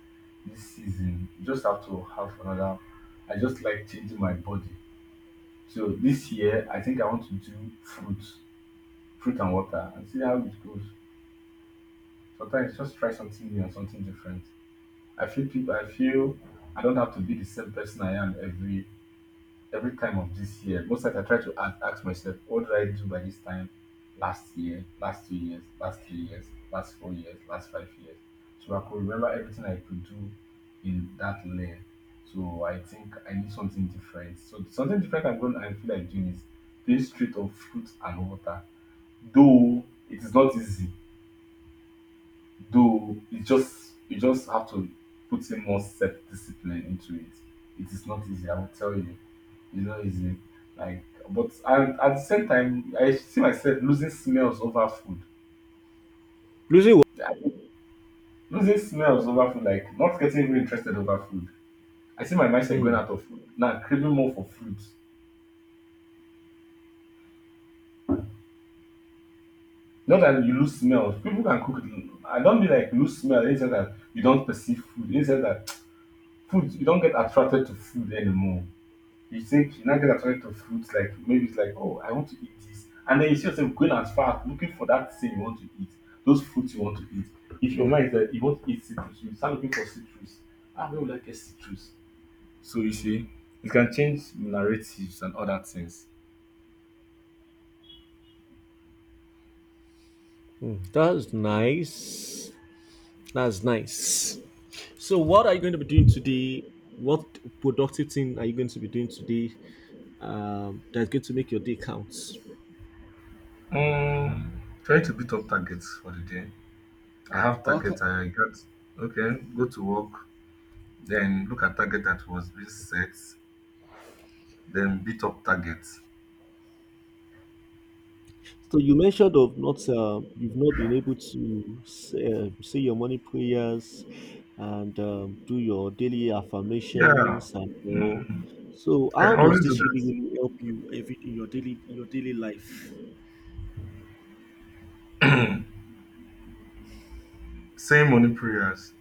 Speaker 2: this season you just have to have another. I just like changing my body. So this year I think I want to do fruit and water and see how it goes. Sometimes just try something new and something different. I feel I don't have to be the same person I am every time of this year. Most times I try to ask myself, what did I do by this time last year, last 2 years, last 3 years, last 4 years, last 5 years? So I could remember everything I could do in that lane. So I think I need something different. So something different I'm going to I feel like doing is this street of fruits and water. Though it is not easy, though it just you just have to put in more self discipline into it. It is not easy, I will tell you. It's not easy. Like, but I, at the same time, I see myself losing smells over food.
Speaker 1: Lucy, wa-.
Speaker 2: I- Losing smells over food, like not getting even interested over food. I see my mindset going
Speaker 1: Mm.
Speaker 2: out of food now, I'm craving more for fruit. Not that you lose smells. People can cook. I don't mean like lose smell. It's just that you don't perceive food. It's just that food, you don't get attracted to food anymore. You think you are now gonna attracted to fruits, like maybe it's like oh, I want to eat this, and then you see yourself going as far as looking for that thing you want to eat, those fruits you want to eat. If your mind is that you want to eat citrus, you start looking for citrus. Ah, where will I get citrus? So you see, it can change narratives and other things.
Speaker 1: Mm. That's nice. That's nice. So what are you going to be doing today? What productive thing are you going to be doing today, that's going to make your day count?
Speaker 2: Try to beat up targets for the day. I have targets I got. Okay, go to work, then look at target that was being set, then beat up targets.
Speaker 1: So you mentioned of not you've not been able to say, say your morning prayers and do your daily
Speaker 2: Yeah,
Speaker 1: affirmations and all.
Speaker 2: mm,
Speaker 1: So
Speaker 2: I can
Speaker 1: how does
Speaker 2: always do
Speaker 1: this really really
Speaker 2: that.
Speaker 1: help you every in your daily life?
Speaker 2: Same morning prayers.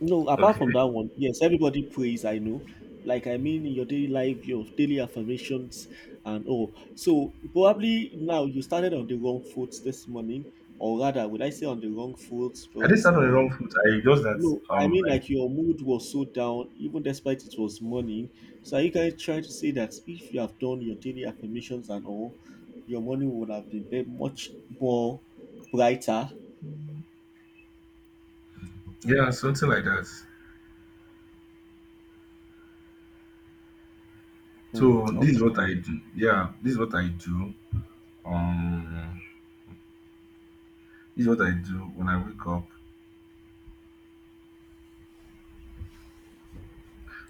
Speaker 1: No, apart from that
Speaker 2: Okay.
Speaker 1: one, yes, everybody prays, I know. Like, I mean, in your daily life, your daily affirmations, and all. So probably now you started on the wrong foot this morning, or rather, would I say on the wrong foot?
Speaker 2: I didn't
Speaker 1: But
Speaker 2: start on the
Speaker 1: uh,
Speaker 2: wrong foot. I just that
Speaker 1: No, I mean,
Speaker 2: like
Speaker 1: like your mood was so down, even despite it was morning. So, are you guys trying to say that if you have done your daily affirmations and all, your morning would have been very much more brighter?
Speaker 2: yeah, something like that.
Speaker 1: Hmm.
Speaker 2: So this is
Speaker 1: Okay.
Speaker 2: what I do. Yeah, this is what I do. Um this is what I do when I wake up.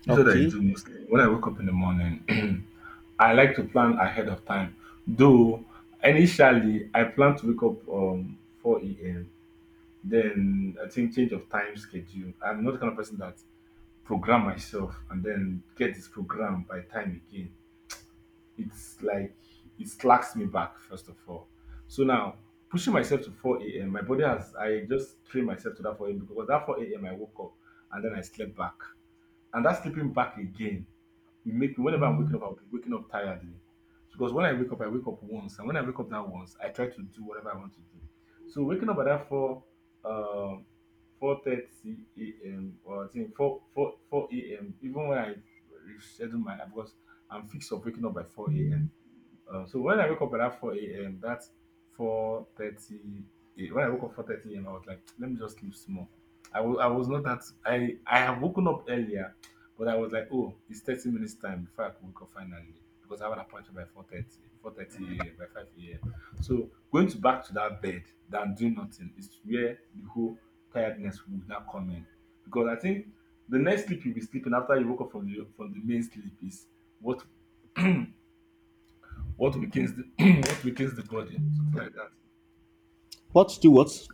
Speaker 2: This is what I do
Speaker 1: Okay.
Speaker 2: mostly. When I wake up in the morning, I like to plan ahead of time. Though initially I plan to wake up 4 a.m. Then I think change of time schedule. I'm not the kind of person that program myself and then get this program by time again. It's like it slacks me back first of all. So now pushing myself to 4 a.m. My body has I just trained myself to that 4 a.m. because that 4 a.m. I woke up and then I slept back. And that sleeping back again will make me, whenever I'm waking up, I'll be waking up tiredly. Because when I wake up once, and when I wake up that once, I try to do whatever I want to do. So waking up at that four, um, 4:30 a.m., or I think four four four a.m. Even when I reschedule my, because I'm fixed of waking up by four a.m. So when I woke up at that 4 a.m., that's 4:30, eh, when I woke up 4:30 a.m., I was like, let me just sleep small. I was not that, I have woken up earlier, but I was like, oh, it's 30 minutes time before I could wake up finally. Because I have an appointment by 4:30, 4:30 a.m., by 5 a.m. So going to back to that bed than doing nothing is where the whole tiredness would not come in. Because I think the next sleep you'll be sleeping after you woke up from from the main sleep is what what weakens the what weakens the body, something like that.
Speaker 1: What do what?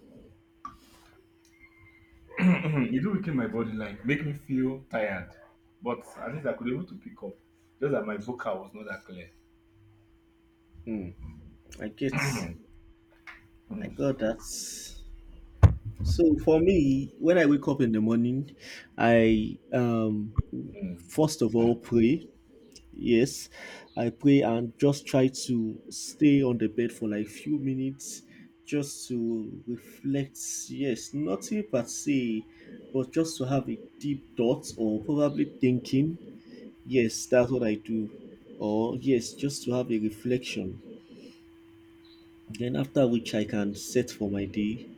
Speaker 2: Hmm, it do weaken my body, like make me feel tired. But at least I could able to pick up. Just that my vocal was not that clear.
Speaker 1: I get. I got that. So for me, when I wake up in the morning, I first of all pray. Yes, I pray and just try to stay on the bed for like few minutes just to reflect. Yes, nothing per se, but just to have a deep thought or probably thinking. Yes, that's what I do. Or yes, just to have a reflection. Then after which I can set for my day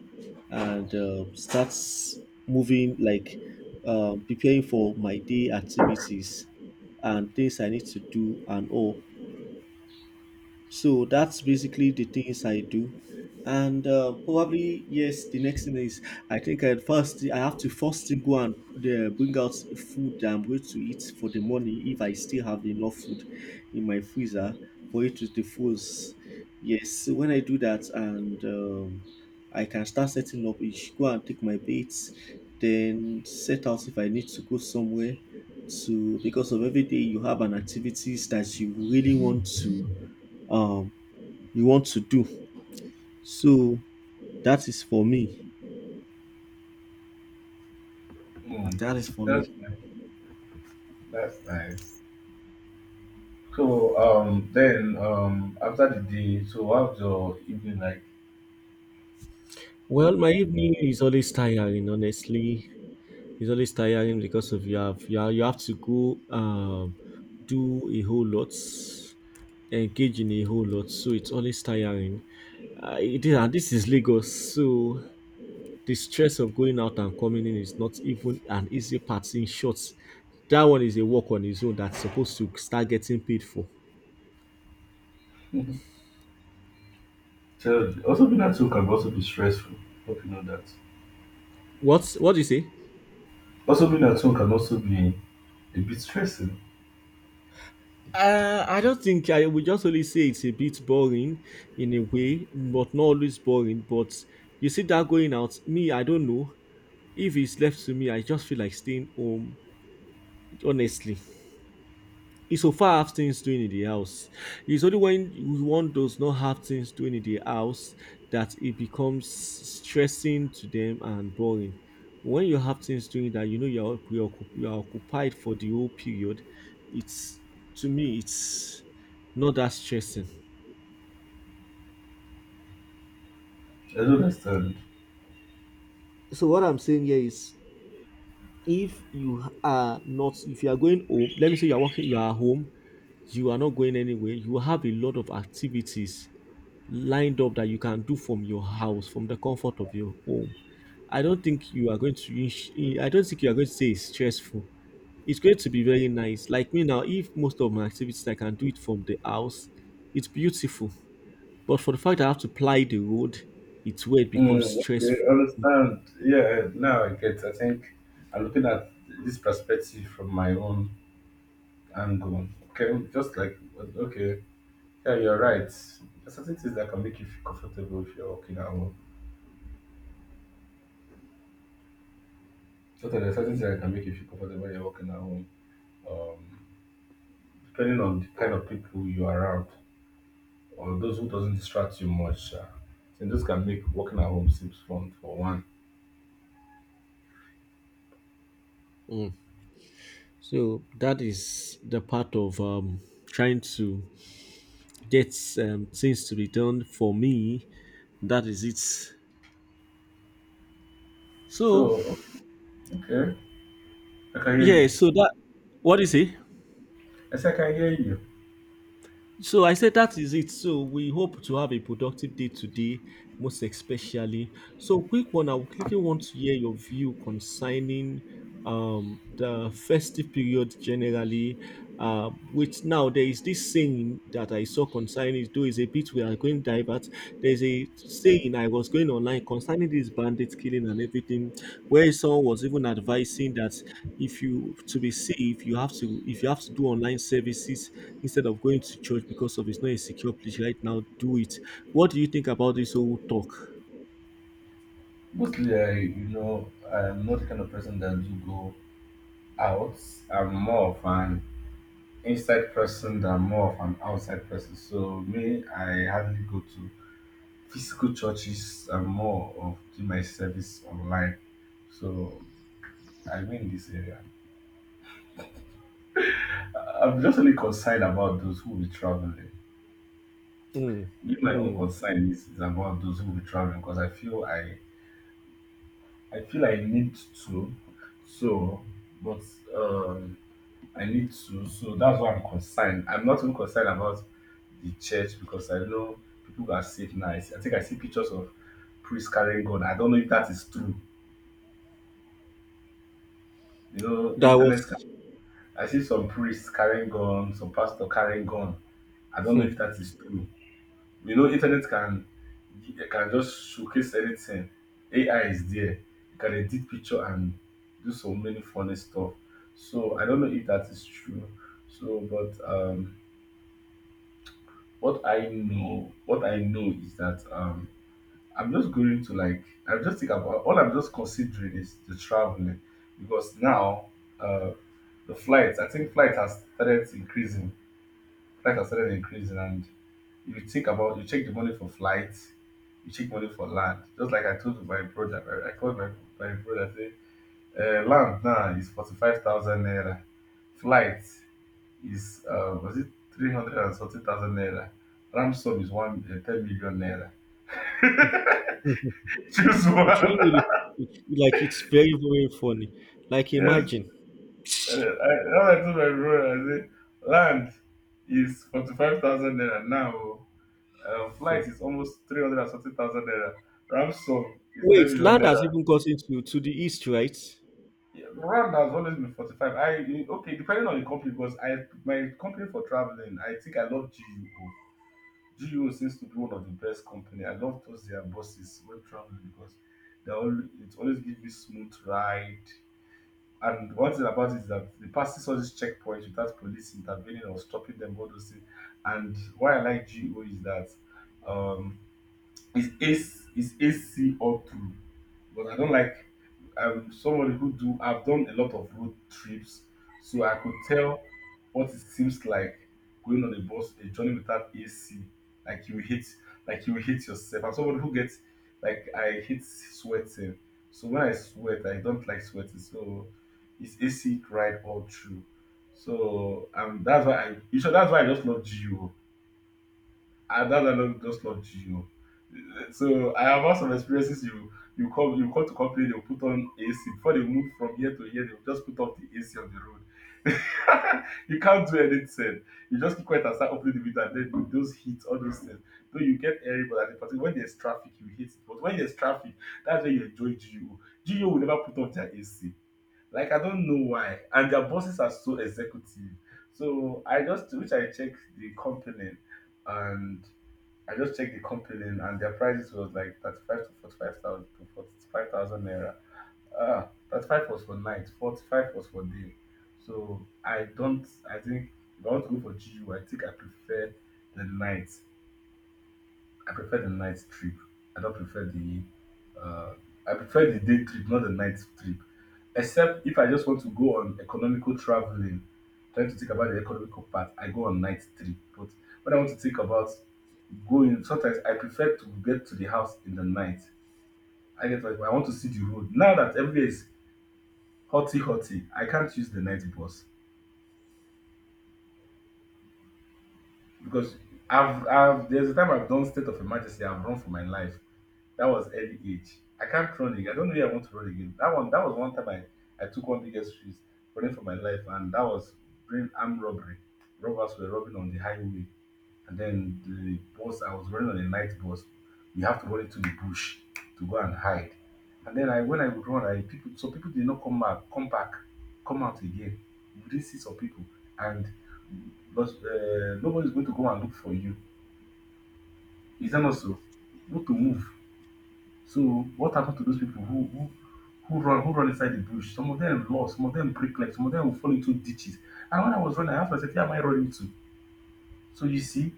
Speaker 1: and starts moving like preparing for my day activities and things I need to do and all. So that's basically the things I do. And probably, yes, the next thing is I think I have to first thing go and bring out food that I'm going to eat for the morning if I still have enough food in my freezer for it to defrost. Yes, so when I do that and I can start setting up each go and take my baits, then set out if I need to go somewhere to because of every day you have an activities that you really want to um you want to do. So that is for me.
Speaker 2: Hmm.
Speaker 1: That is for me.
Speaker 2: That's nice. That's nice. So then after the day, so how's your evening like?
Speaker 1: Well, my evening is always tiring. Honestly, it's always tiring because of you have to go do a whole lot, engage in a whole lot. So it's always tiring. It is, and this is Lagos, so the stress of going out and coming in is not even an easy part. In short, that one is a work on its own that's supposed to start getting paid for.
Speaker 2: Tell, also being at home can also be stressful. Hope you know that.
Speaker 1: What do you say?
Speaker 2: Also being at home can also be a bit stressing.
Speaker 1: I don't think I would just only say it's a bit boring in a way, but not always boring. But you see that going out, me, I don't know. If it's left to me, I just feel like staying home, honestly. He so far have things doing in the house. It's only when one does not have things doing in the house that it becomes stressing to them and boring. When you have things doing that you know you're you're occupied for the whole period, it's, to me, it's not that stressing.
Speaker 2: I don't understand.
Speaker 1: So what I'm saying here is if you are going home, let me say you are working you are home, you are not going anywhere, you have a lot of activities lined up that you can do from your house, from the comfort of your home. I don't think you are going to. I don't think you are going to say it's stressful. It's going to be very nice. Like me now, if most of my activities I can do it from the house, it's beautiful. But for the fact that I have to ply the road, it's where it becomes
Speaker 2: Mm,
Speaker 1: stressful.
Speaker 2: okay, understand. Yeah, now I get. I think I'm looking at this perspective from my own angle. Okay, just like okay, yeah, you're right. There's certain things that can make you feel comfortable if you're working at home. So there are certain things that can make you feel comfortable when you're working at home. Um, depending on the kind of people you're around, or those who doesn't distract you much, and those can make working at home seems fun for one.
Speaker 1: Mm. So that is the part of trying to get things to be done. For me, that is it. So
Speaker 2: So okay, I can hear
Speaker 1: yeah.
Speaker 2: you.
Speaker 1: So that what is it?
Speaker 2: I say I can hear you.
Speaker 1: So I said that is it. So we hope to have a productive day today, most especially. So quick one, I would quickly want to hear your view concerning the festive period generally. Which now there is this saying that I saw concerning it, though it's a bit we are going divert. There's a saying I was going online concerning this bandit killing and everything, where someone was even advising that if you to be safe, you have to if you have to do online services instead of going to church because of it's not a secure place right now, do it. What do you think about this whole talk?
Speaker 2: Mostly, I, you know, I'm not the kind of person that do go out. I'm more of an inside person than more of an outside person. So me, I hardly go to physical churches. I'm more of do my service online. So I win this area. I'm just only concerned about those who will be traveling.
Speaker 1: Hmm.
Speaker 2: Me, my own
Speaker 1: Hmm.
Speaker 2: concern is about those who will be traveling, because I feel I need to. So, but. Um, I need to. So that's why I'm concerned. I'm not even concerned about the church because I know people are saved now. I think I see pictures of priests carrying gun. I don't know if that is true. You know,
Speaker 1: That
Speaker 2: internet.
Speaker 1: was.
Speaker 2: I see some priests carrying gun, some pastor carrying gun. I don't know
Speaker 1: Hmm.
Speaker 2: if that is true. You know, internet can it can just showcase anything. AI is there. You can edit picture and do so many funny stuff. So I don't know if that is true. So, but what I know is that I'm just going to like, I'm just thinking about all I'm just considering is the traveling because now uh, the flights, I think flight has started increasing. Flight has started increasing, and if you think about, you check the money for flights, you check money for land. Just like I told my brother, I called my brother, say, land now is 45,000 naira, flight is was it 340,000 naira? Ram sub is one 10 million naira.
Speaker 1: Mhm.
Speaker 2: Choose
Speaker 1: It
Speaker 2: one.
Speaker 1: really really. It, like it's very very funny. Like
Speaker 2: Yes.
Speaker 1: imagine.
Speaker 2: I told my brother, I say, land is 45,000 naira now. Oh.
Speaker 1: Hmm.
Speaker 2: Flight is almost 340,000 naira. Ram sub is 10
Speaker 1: Wait,
Speaker 2: million
Speaker 1: land has
Speaker 2: naira.
Speaker 1: even got into to the east, right?
Speaker 2: Yeah, Ram has always been 45. I okay, depending on the company because I my company for traveling, I think I love GUO. GO seems to be one of the best company. I love those their buses when traveling because it always gives you smooth ride. And one thing about it is that they passes all these checkpoints without police intervening or stopping them. All those things. And why I like GO is that um, it's AC is AC all through, but I don't like. I'm somebody who do. I've done a lot of road trips, so I could tell what it seems like going on a journey without AC. Like you hit, like you hit yourself. I'm somebody who gets like I hate sweating. So when I sweat, I don't like sweating. So it's AC ride all through. So that's why I. You sure that's why I just love GU and that dialogue just love you. So I have had some experiences. You come to complain, they put on AC before they move from here to here. They just put off the AC on the road. You can't do anything. You just keep quiet and start opening the window, and then those heat, all those things. Though you get airy, but at the particular when there's traffic, you hate it. But when there's traffic, that's when you enjoy GU. GU will never put off their AC. Like I don't know why. And their bosses are so executive. So I just which I checked the company and I just checked the company and their prices was like 35 to 45,000 naira. Ah, 35 was for night, 45 was for day. So I think if I want to go for G. U. I think I prefer the night. I prefer the night trip. I don't prefer the uh, I prefer the day trip, not the night trip. Except if I just want to go on economical traveling, trying to think about the economical part, I go on night trip. But when I want to think about going, sometimes I prefer to get to the house in the night. I get like I want to see the road. Now that everywhere is hotty hotty, I can't use the night bus. Because I've there's a time I've done state of emergency. I've run for my life. That was early age. I can't run again. I don't know if I want to run again. That one that was one time I took one biggest risk running for my life, and that was during armed robbery. Robbers were robbing on the highway. And then the bus, I was running on a night bus. You have to run into the bush to go and hide. And then when I would run, so people did not come back, come out again. You didn't see some people, and but, nobody's going to go and look for you. Is that not so? Not to move. So what happened to those people who run inside the bush? Some of them lost, some of them break legs, some of them will fall into ditches. And when I was running, I asked myself, "Where am I running to?" So you see,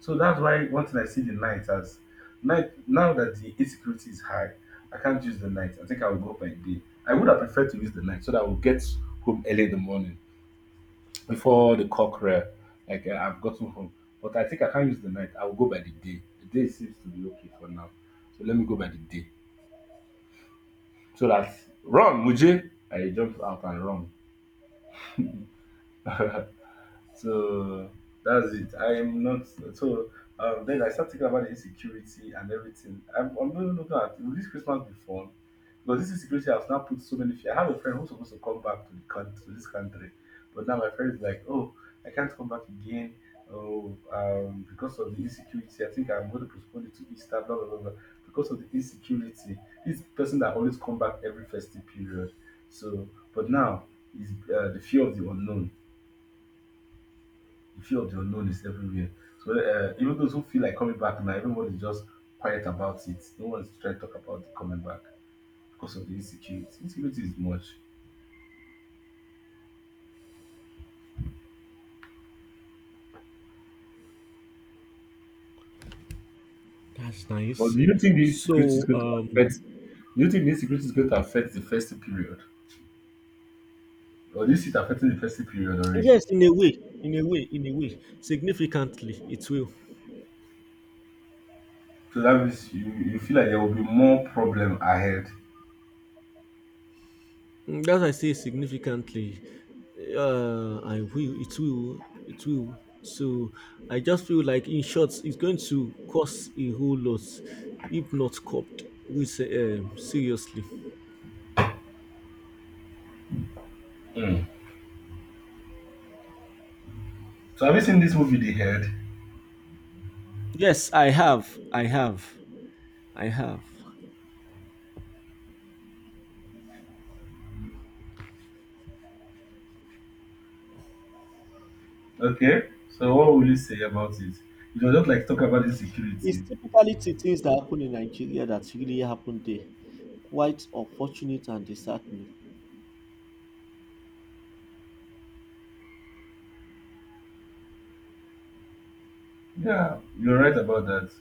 Speaker 2: so that's why one thing I see the night as night now that the insecurity is high, I can't use the night. I think I will go by day. I would have preferred to use the night so that I will get home early in the morning before the cockcrow. Like I've gotten home, but I think I can't use the night. I will go by the day. The day seems to be okay for now, so let me go by the day so that run, Muje. I jump out and run. So that's it. I'm not so then I start thinking about the insecurity and everything. I'm not looking at will this Christmas be fun? Because this insecurity has now put so many fear. I have a friend who's supposed to come back to this country, but now my friend is like, oh, I can't come back again. Oh, because of the insecurity, I think I'm going to postpone it to Easter, blah blah blah. Blah. Because of the insecurity, this person that always come back every festive period. So, but now is uh, the fear of the unknown the fear of the unknown is everywhere. So even those who feel like coming back now, everyone is just quiet about it. No one's trying to talk about the coming back because of the insecurity. Insecurity is much.
Speaker 1: That's
Speaker 2: But
Speaker 1: nice.
Speaker 2: do you think the insecurity is
Speaker 1: So,
Speaker 2: going to affect? Do you think the insecurity is going to affect the festive period? Or this it affecting the festive period already.
Speaker 1: yes, in a way, in a way, in a way, significantly, it will.
Speaker 2: So that means you feel like there will be more problem ahead.
Speaker 1: Mm, that's why I say significantly. I will. It will. It will. So, I just feel like, in short, it's going to cost a whole lot, if not curbed. With seriously.
Speaker 2: Mm. So have you seen this movie The Head?
Speaker 1: Yes, I have. I have. I have.
Speaker 2: Okay. So what will you say about it? You don't like talk about
Speaker 1: It's
Speaker 2: insecurity.
Speaker 1: typically the things that happen in Nigeria that really happen there. Quite unfortunate and disheartening.
Speaker 2: Yeah, you're right about that.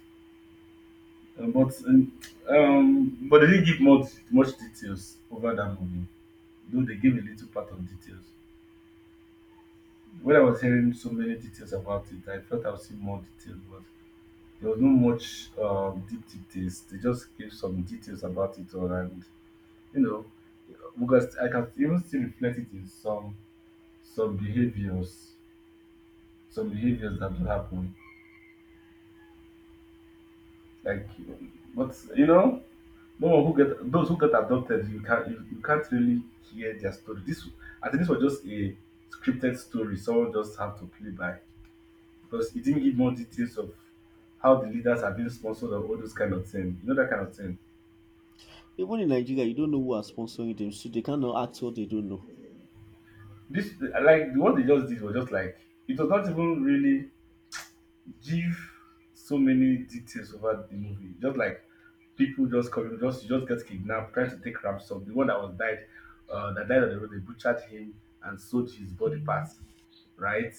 Speaker 2: Uh, but um, but they didn't give much details over that movie. Though they gave a little part of details. When I was hearing so many details about it, I felt I would see more details, but there was no much deep details. They just gave some details about it all, and you know, because I can even still reflect it in some behaviors, some behaviors that do happen. Like, but no one who get those who get adopted, you can't really hear their story. This I think this was just a scripted story. Someone just have to play by because it didn't give more details of how the leaders are being sponsored or all those kind of thing. You know that kind of thing.
Speaker 1: Even in Nigeria, you don't know who are sponsoring them, so they cannot act what they don't know.
Speaker 2: This like what they just did was just like it was not even really give so many details about the movie. Just like people just coming, just get kidnapped, trying to take ransom. The one that that died on the road, they butchered him and sold his body parts. Right?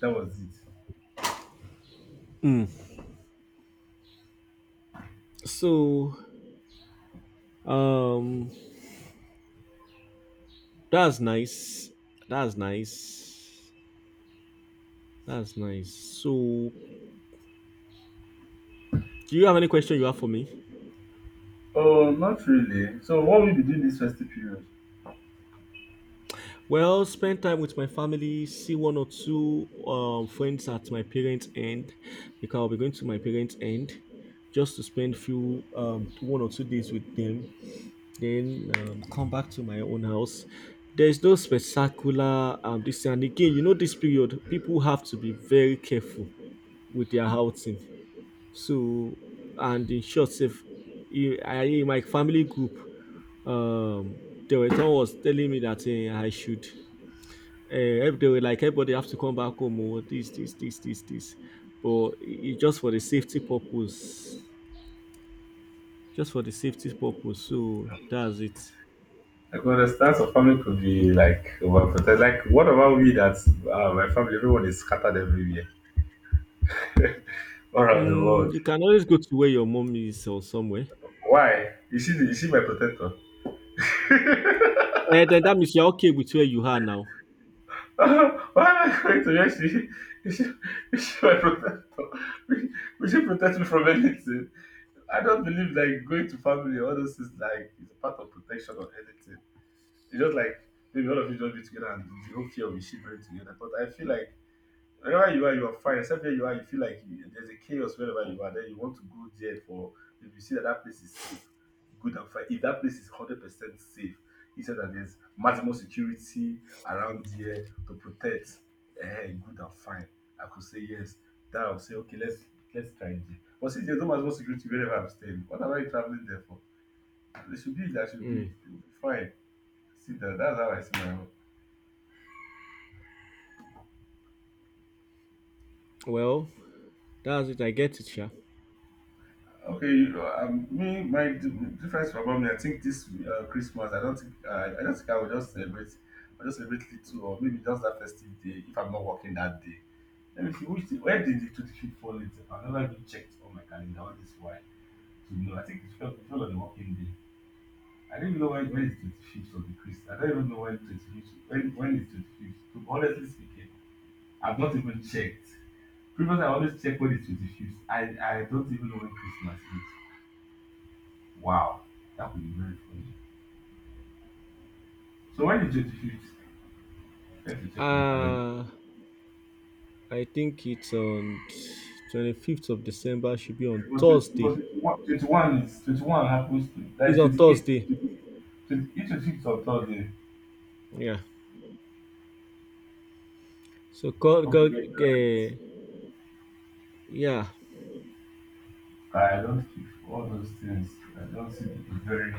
Speaker 2: That was it.
Speaker 1: Mm. So um that's nice. That's nice. That's nice. So do you have any question you have for me?
Speaker 2: Oh, not really. So what will you be doing this festive period?
Speaker 1: Well, spend time with my family, see one or two friends at my parents' end because I'll be going to my parents' end just to spend few 1 or 2 days with them, then come back to my own house. There is no spectacular this thing. And again, this period people have to be very careful with their outing. So and in short, if in my family group, um, there was someone was telling me that I should. They were like, everybody have to come back home. Oh, this, this, this, this, this. But it, just for the safety purpose, just for the safety purpose. So that's it.
Speaker 2: I can understand some family could be like overprotected. Like what about we that my family, everyone is scattered everywhere all around the
Speaker 1: Mm,
Speaker 2: world.
Speaker 1: you can always go to where your mom is or somewhere.
Speaker 2: Why? Is she my protector?
Speaker 1: Then that means you're okay with where you are now.
Speaker 2: Why am I going to yes? Is she, is she my protector? Will she protect me from anything? I don't believe like going to family, all those things like is a part of protection or anything. It's just like maybe all of you just be together and the whole fear of you shivering together. But I feel like wherever you are fine. Except where you are, you feel like there's a chaos wherever you are. Then you want to go there for if you see that that place is safe, good and fine. If that place is 100% safe, he said that there's maximum security around there to protect. Eh, good and fine. I could say yes. Then I'll say okay, let's try it. But since there's no maximum security wherever I'm staying, what am I traveling there for? They should be. That should be.
Speaker 1: Mm,
Speaker 2: It will be fine. See that. That's how I see my own.
Speaker 1: well, that's it. I get it, yeah.
Speaker 2: Okay, me, difference from me, I think this Christmas, I don't think I will just celebrate, I just celebrate little or maybe just that festive day if I'm not working that day. Let me see, which day, where did the 25th fall into? I've never even checked on my calendar all this while to know. I think it fell on a working day. I don't even know when is 25th of the Christ. I don't even know when is 25th. To honestly speaking, I've not even checked. Previous, I always check when it's 25th. I don't even know when Christmas is. Wow, that would be very funny. So when is 25th? Let me check my calendar.
Speaker 1: Uh, I think it's on 25th of December. Should be on
Speaker 2: But, tw-
Speaker 1: Thursday.
Speaker 2: but 21 is 21 happens to that
Speaker 1: It's on
Speaker 2: is
Speaker 1: Thursday.
Speaker 2: 28 25th of Thursday.
Speaker 1: Yeah. So,
Speaker 2: Okay, yeah, you're right.
Speaker 1: Eh, yeah.
Speaker 2: I don't keep all those things. I don't see it very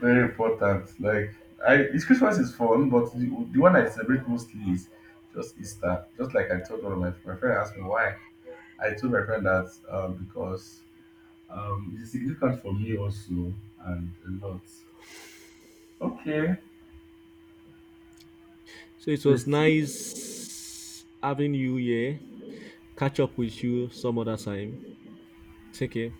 Speaker 2: very important. Like I it's Christmas is fun, but the one I celebrate mostly is just Easter. Just like I told one of my friend asked me why. I told my friend that because it's significant for me also, and a lot. Okay,
Speaker 1: So it
Speaker 2: so
Speaker 1: was
Speaker 2: it's
Speaker 1: nice having you here. Catch up with you some other time. Take care.